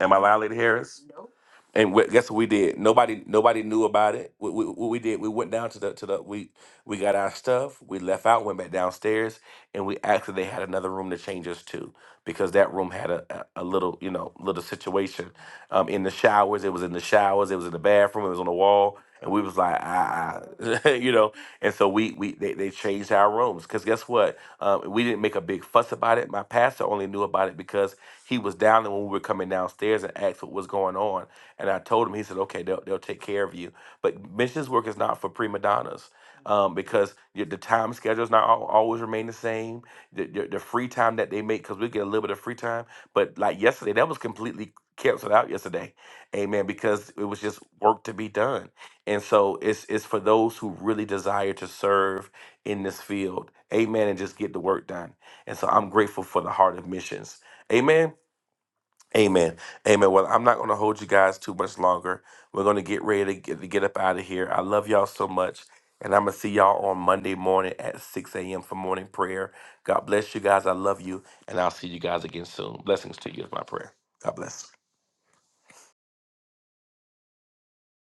Am I lying, Lady Harris? Nope. And wh- guess what we did? Nobody, nobody knew about it. What we, what we did, we went down to the to the we we got our stuff. We left out, went back downstairs, and we asked if they had another room to change us to because that room had a a, a little you know little situation um, in the showers. It was in the showers. It was in the bathroom. It was on the wall, and we was like ah, ah," you know. And so we we they, they changed our rooms because guess what? Um, we didn't make a big fuss about it. My pastor only knew about it because he was down there when we were coming downstairs and asked what was going on. And I told him, he said, okay, they'll, they'll take care of you. But missions work is not for prima donnas um, because y- the time schedule is not al- always remain the same. The, the, the free time that they make, because we get a little bit of free time. But like yesterday, that was completely canceled out yesterday. Amen. Because it was just work to be done. And so it's, it's for those who really desire to serve in this field. Amen. And just get the work done. And so I'm grateful for the heart of missions. Amen. Amen. Amen. Well, I'm not going to hold you guys too much longer. We're going to get ready to get, to get up out of here. I love y'all so much. And I'm going to see y'all on Monday morning at 6 a.m. for morning prayer. God bless you guys. I love you. And I'll see you guys again soon. Blessings to you is my prayer. God bless.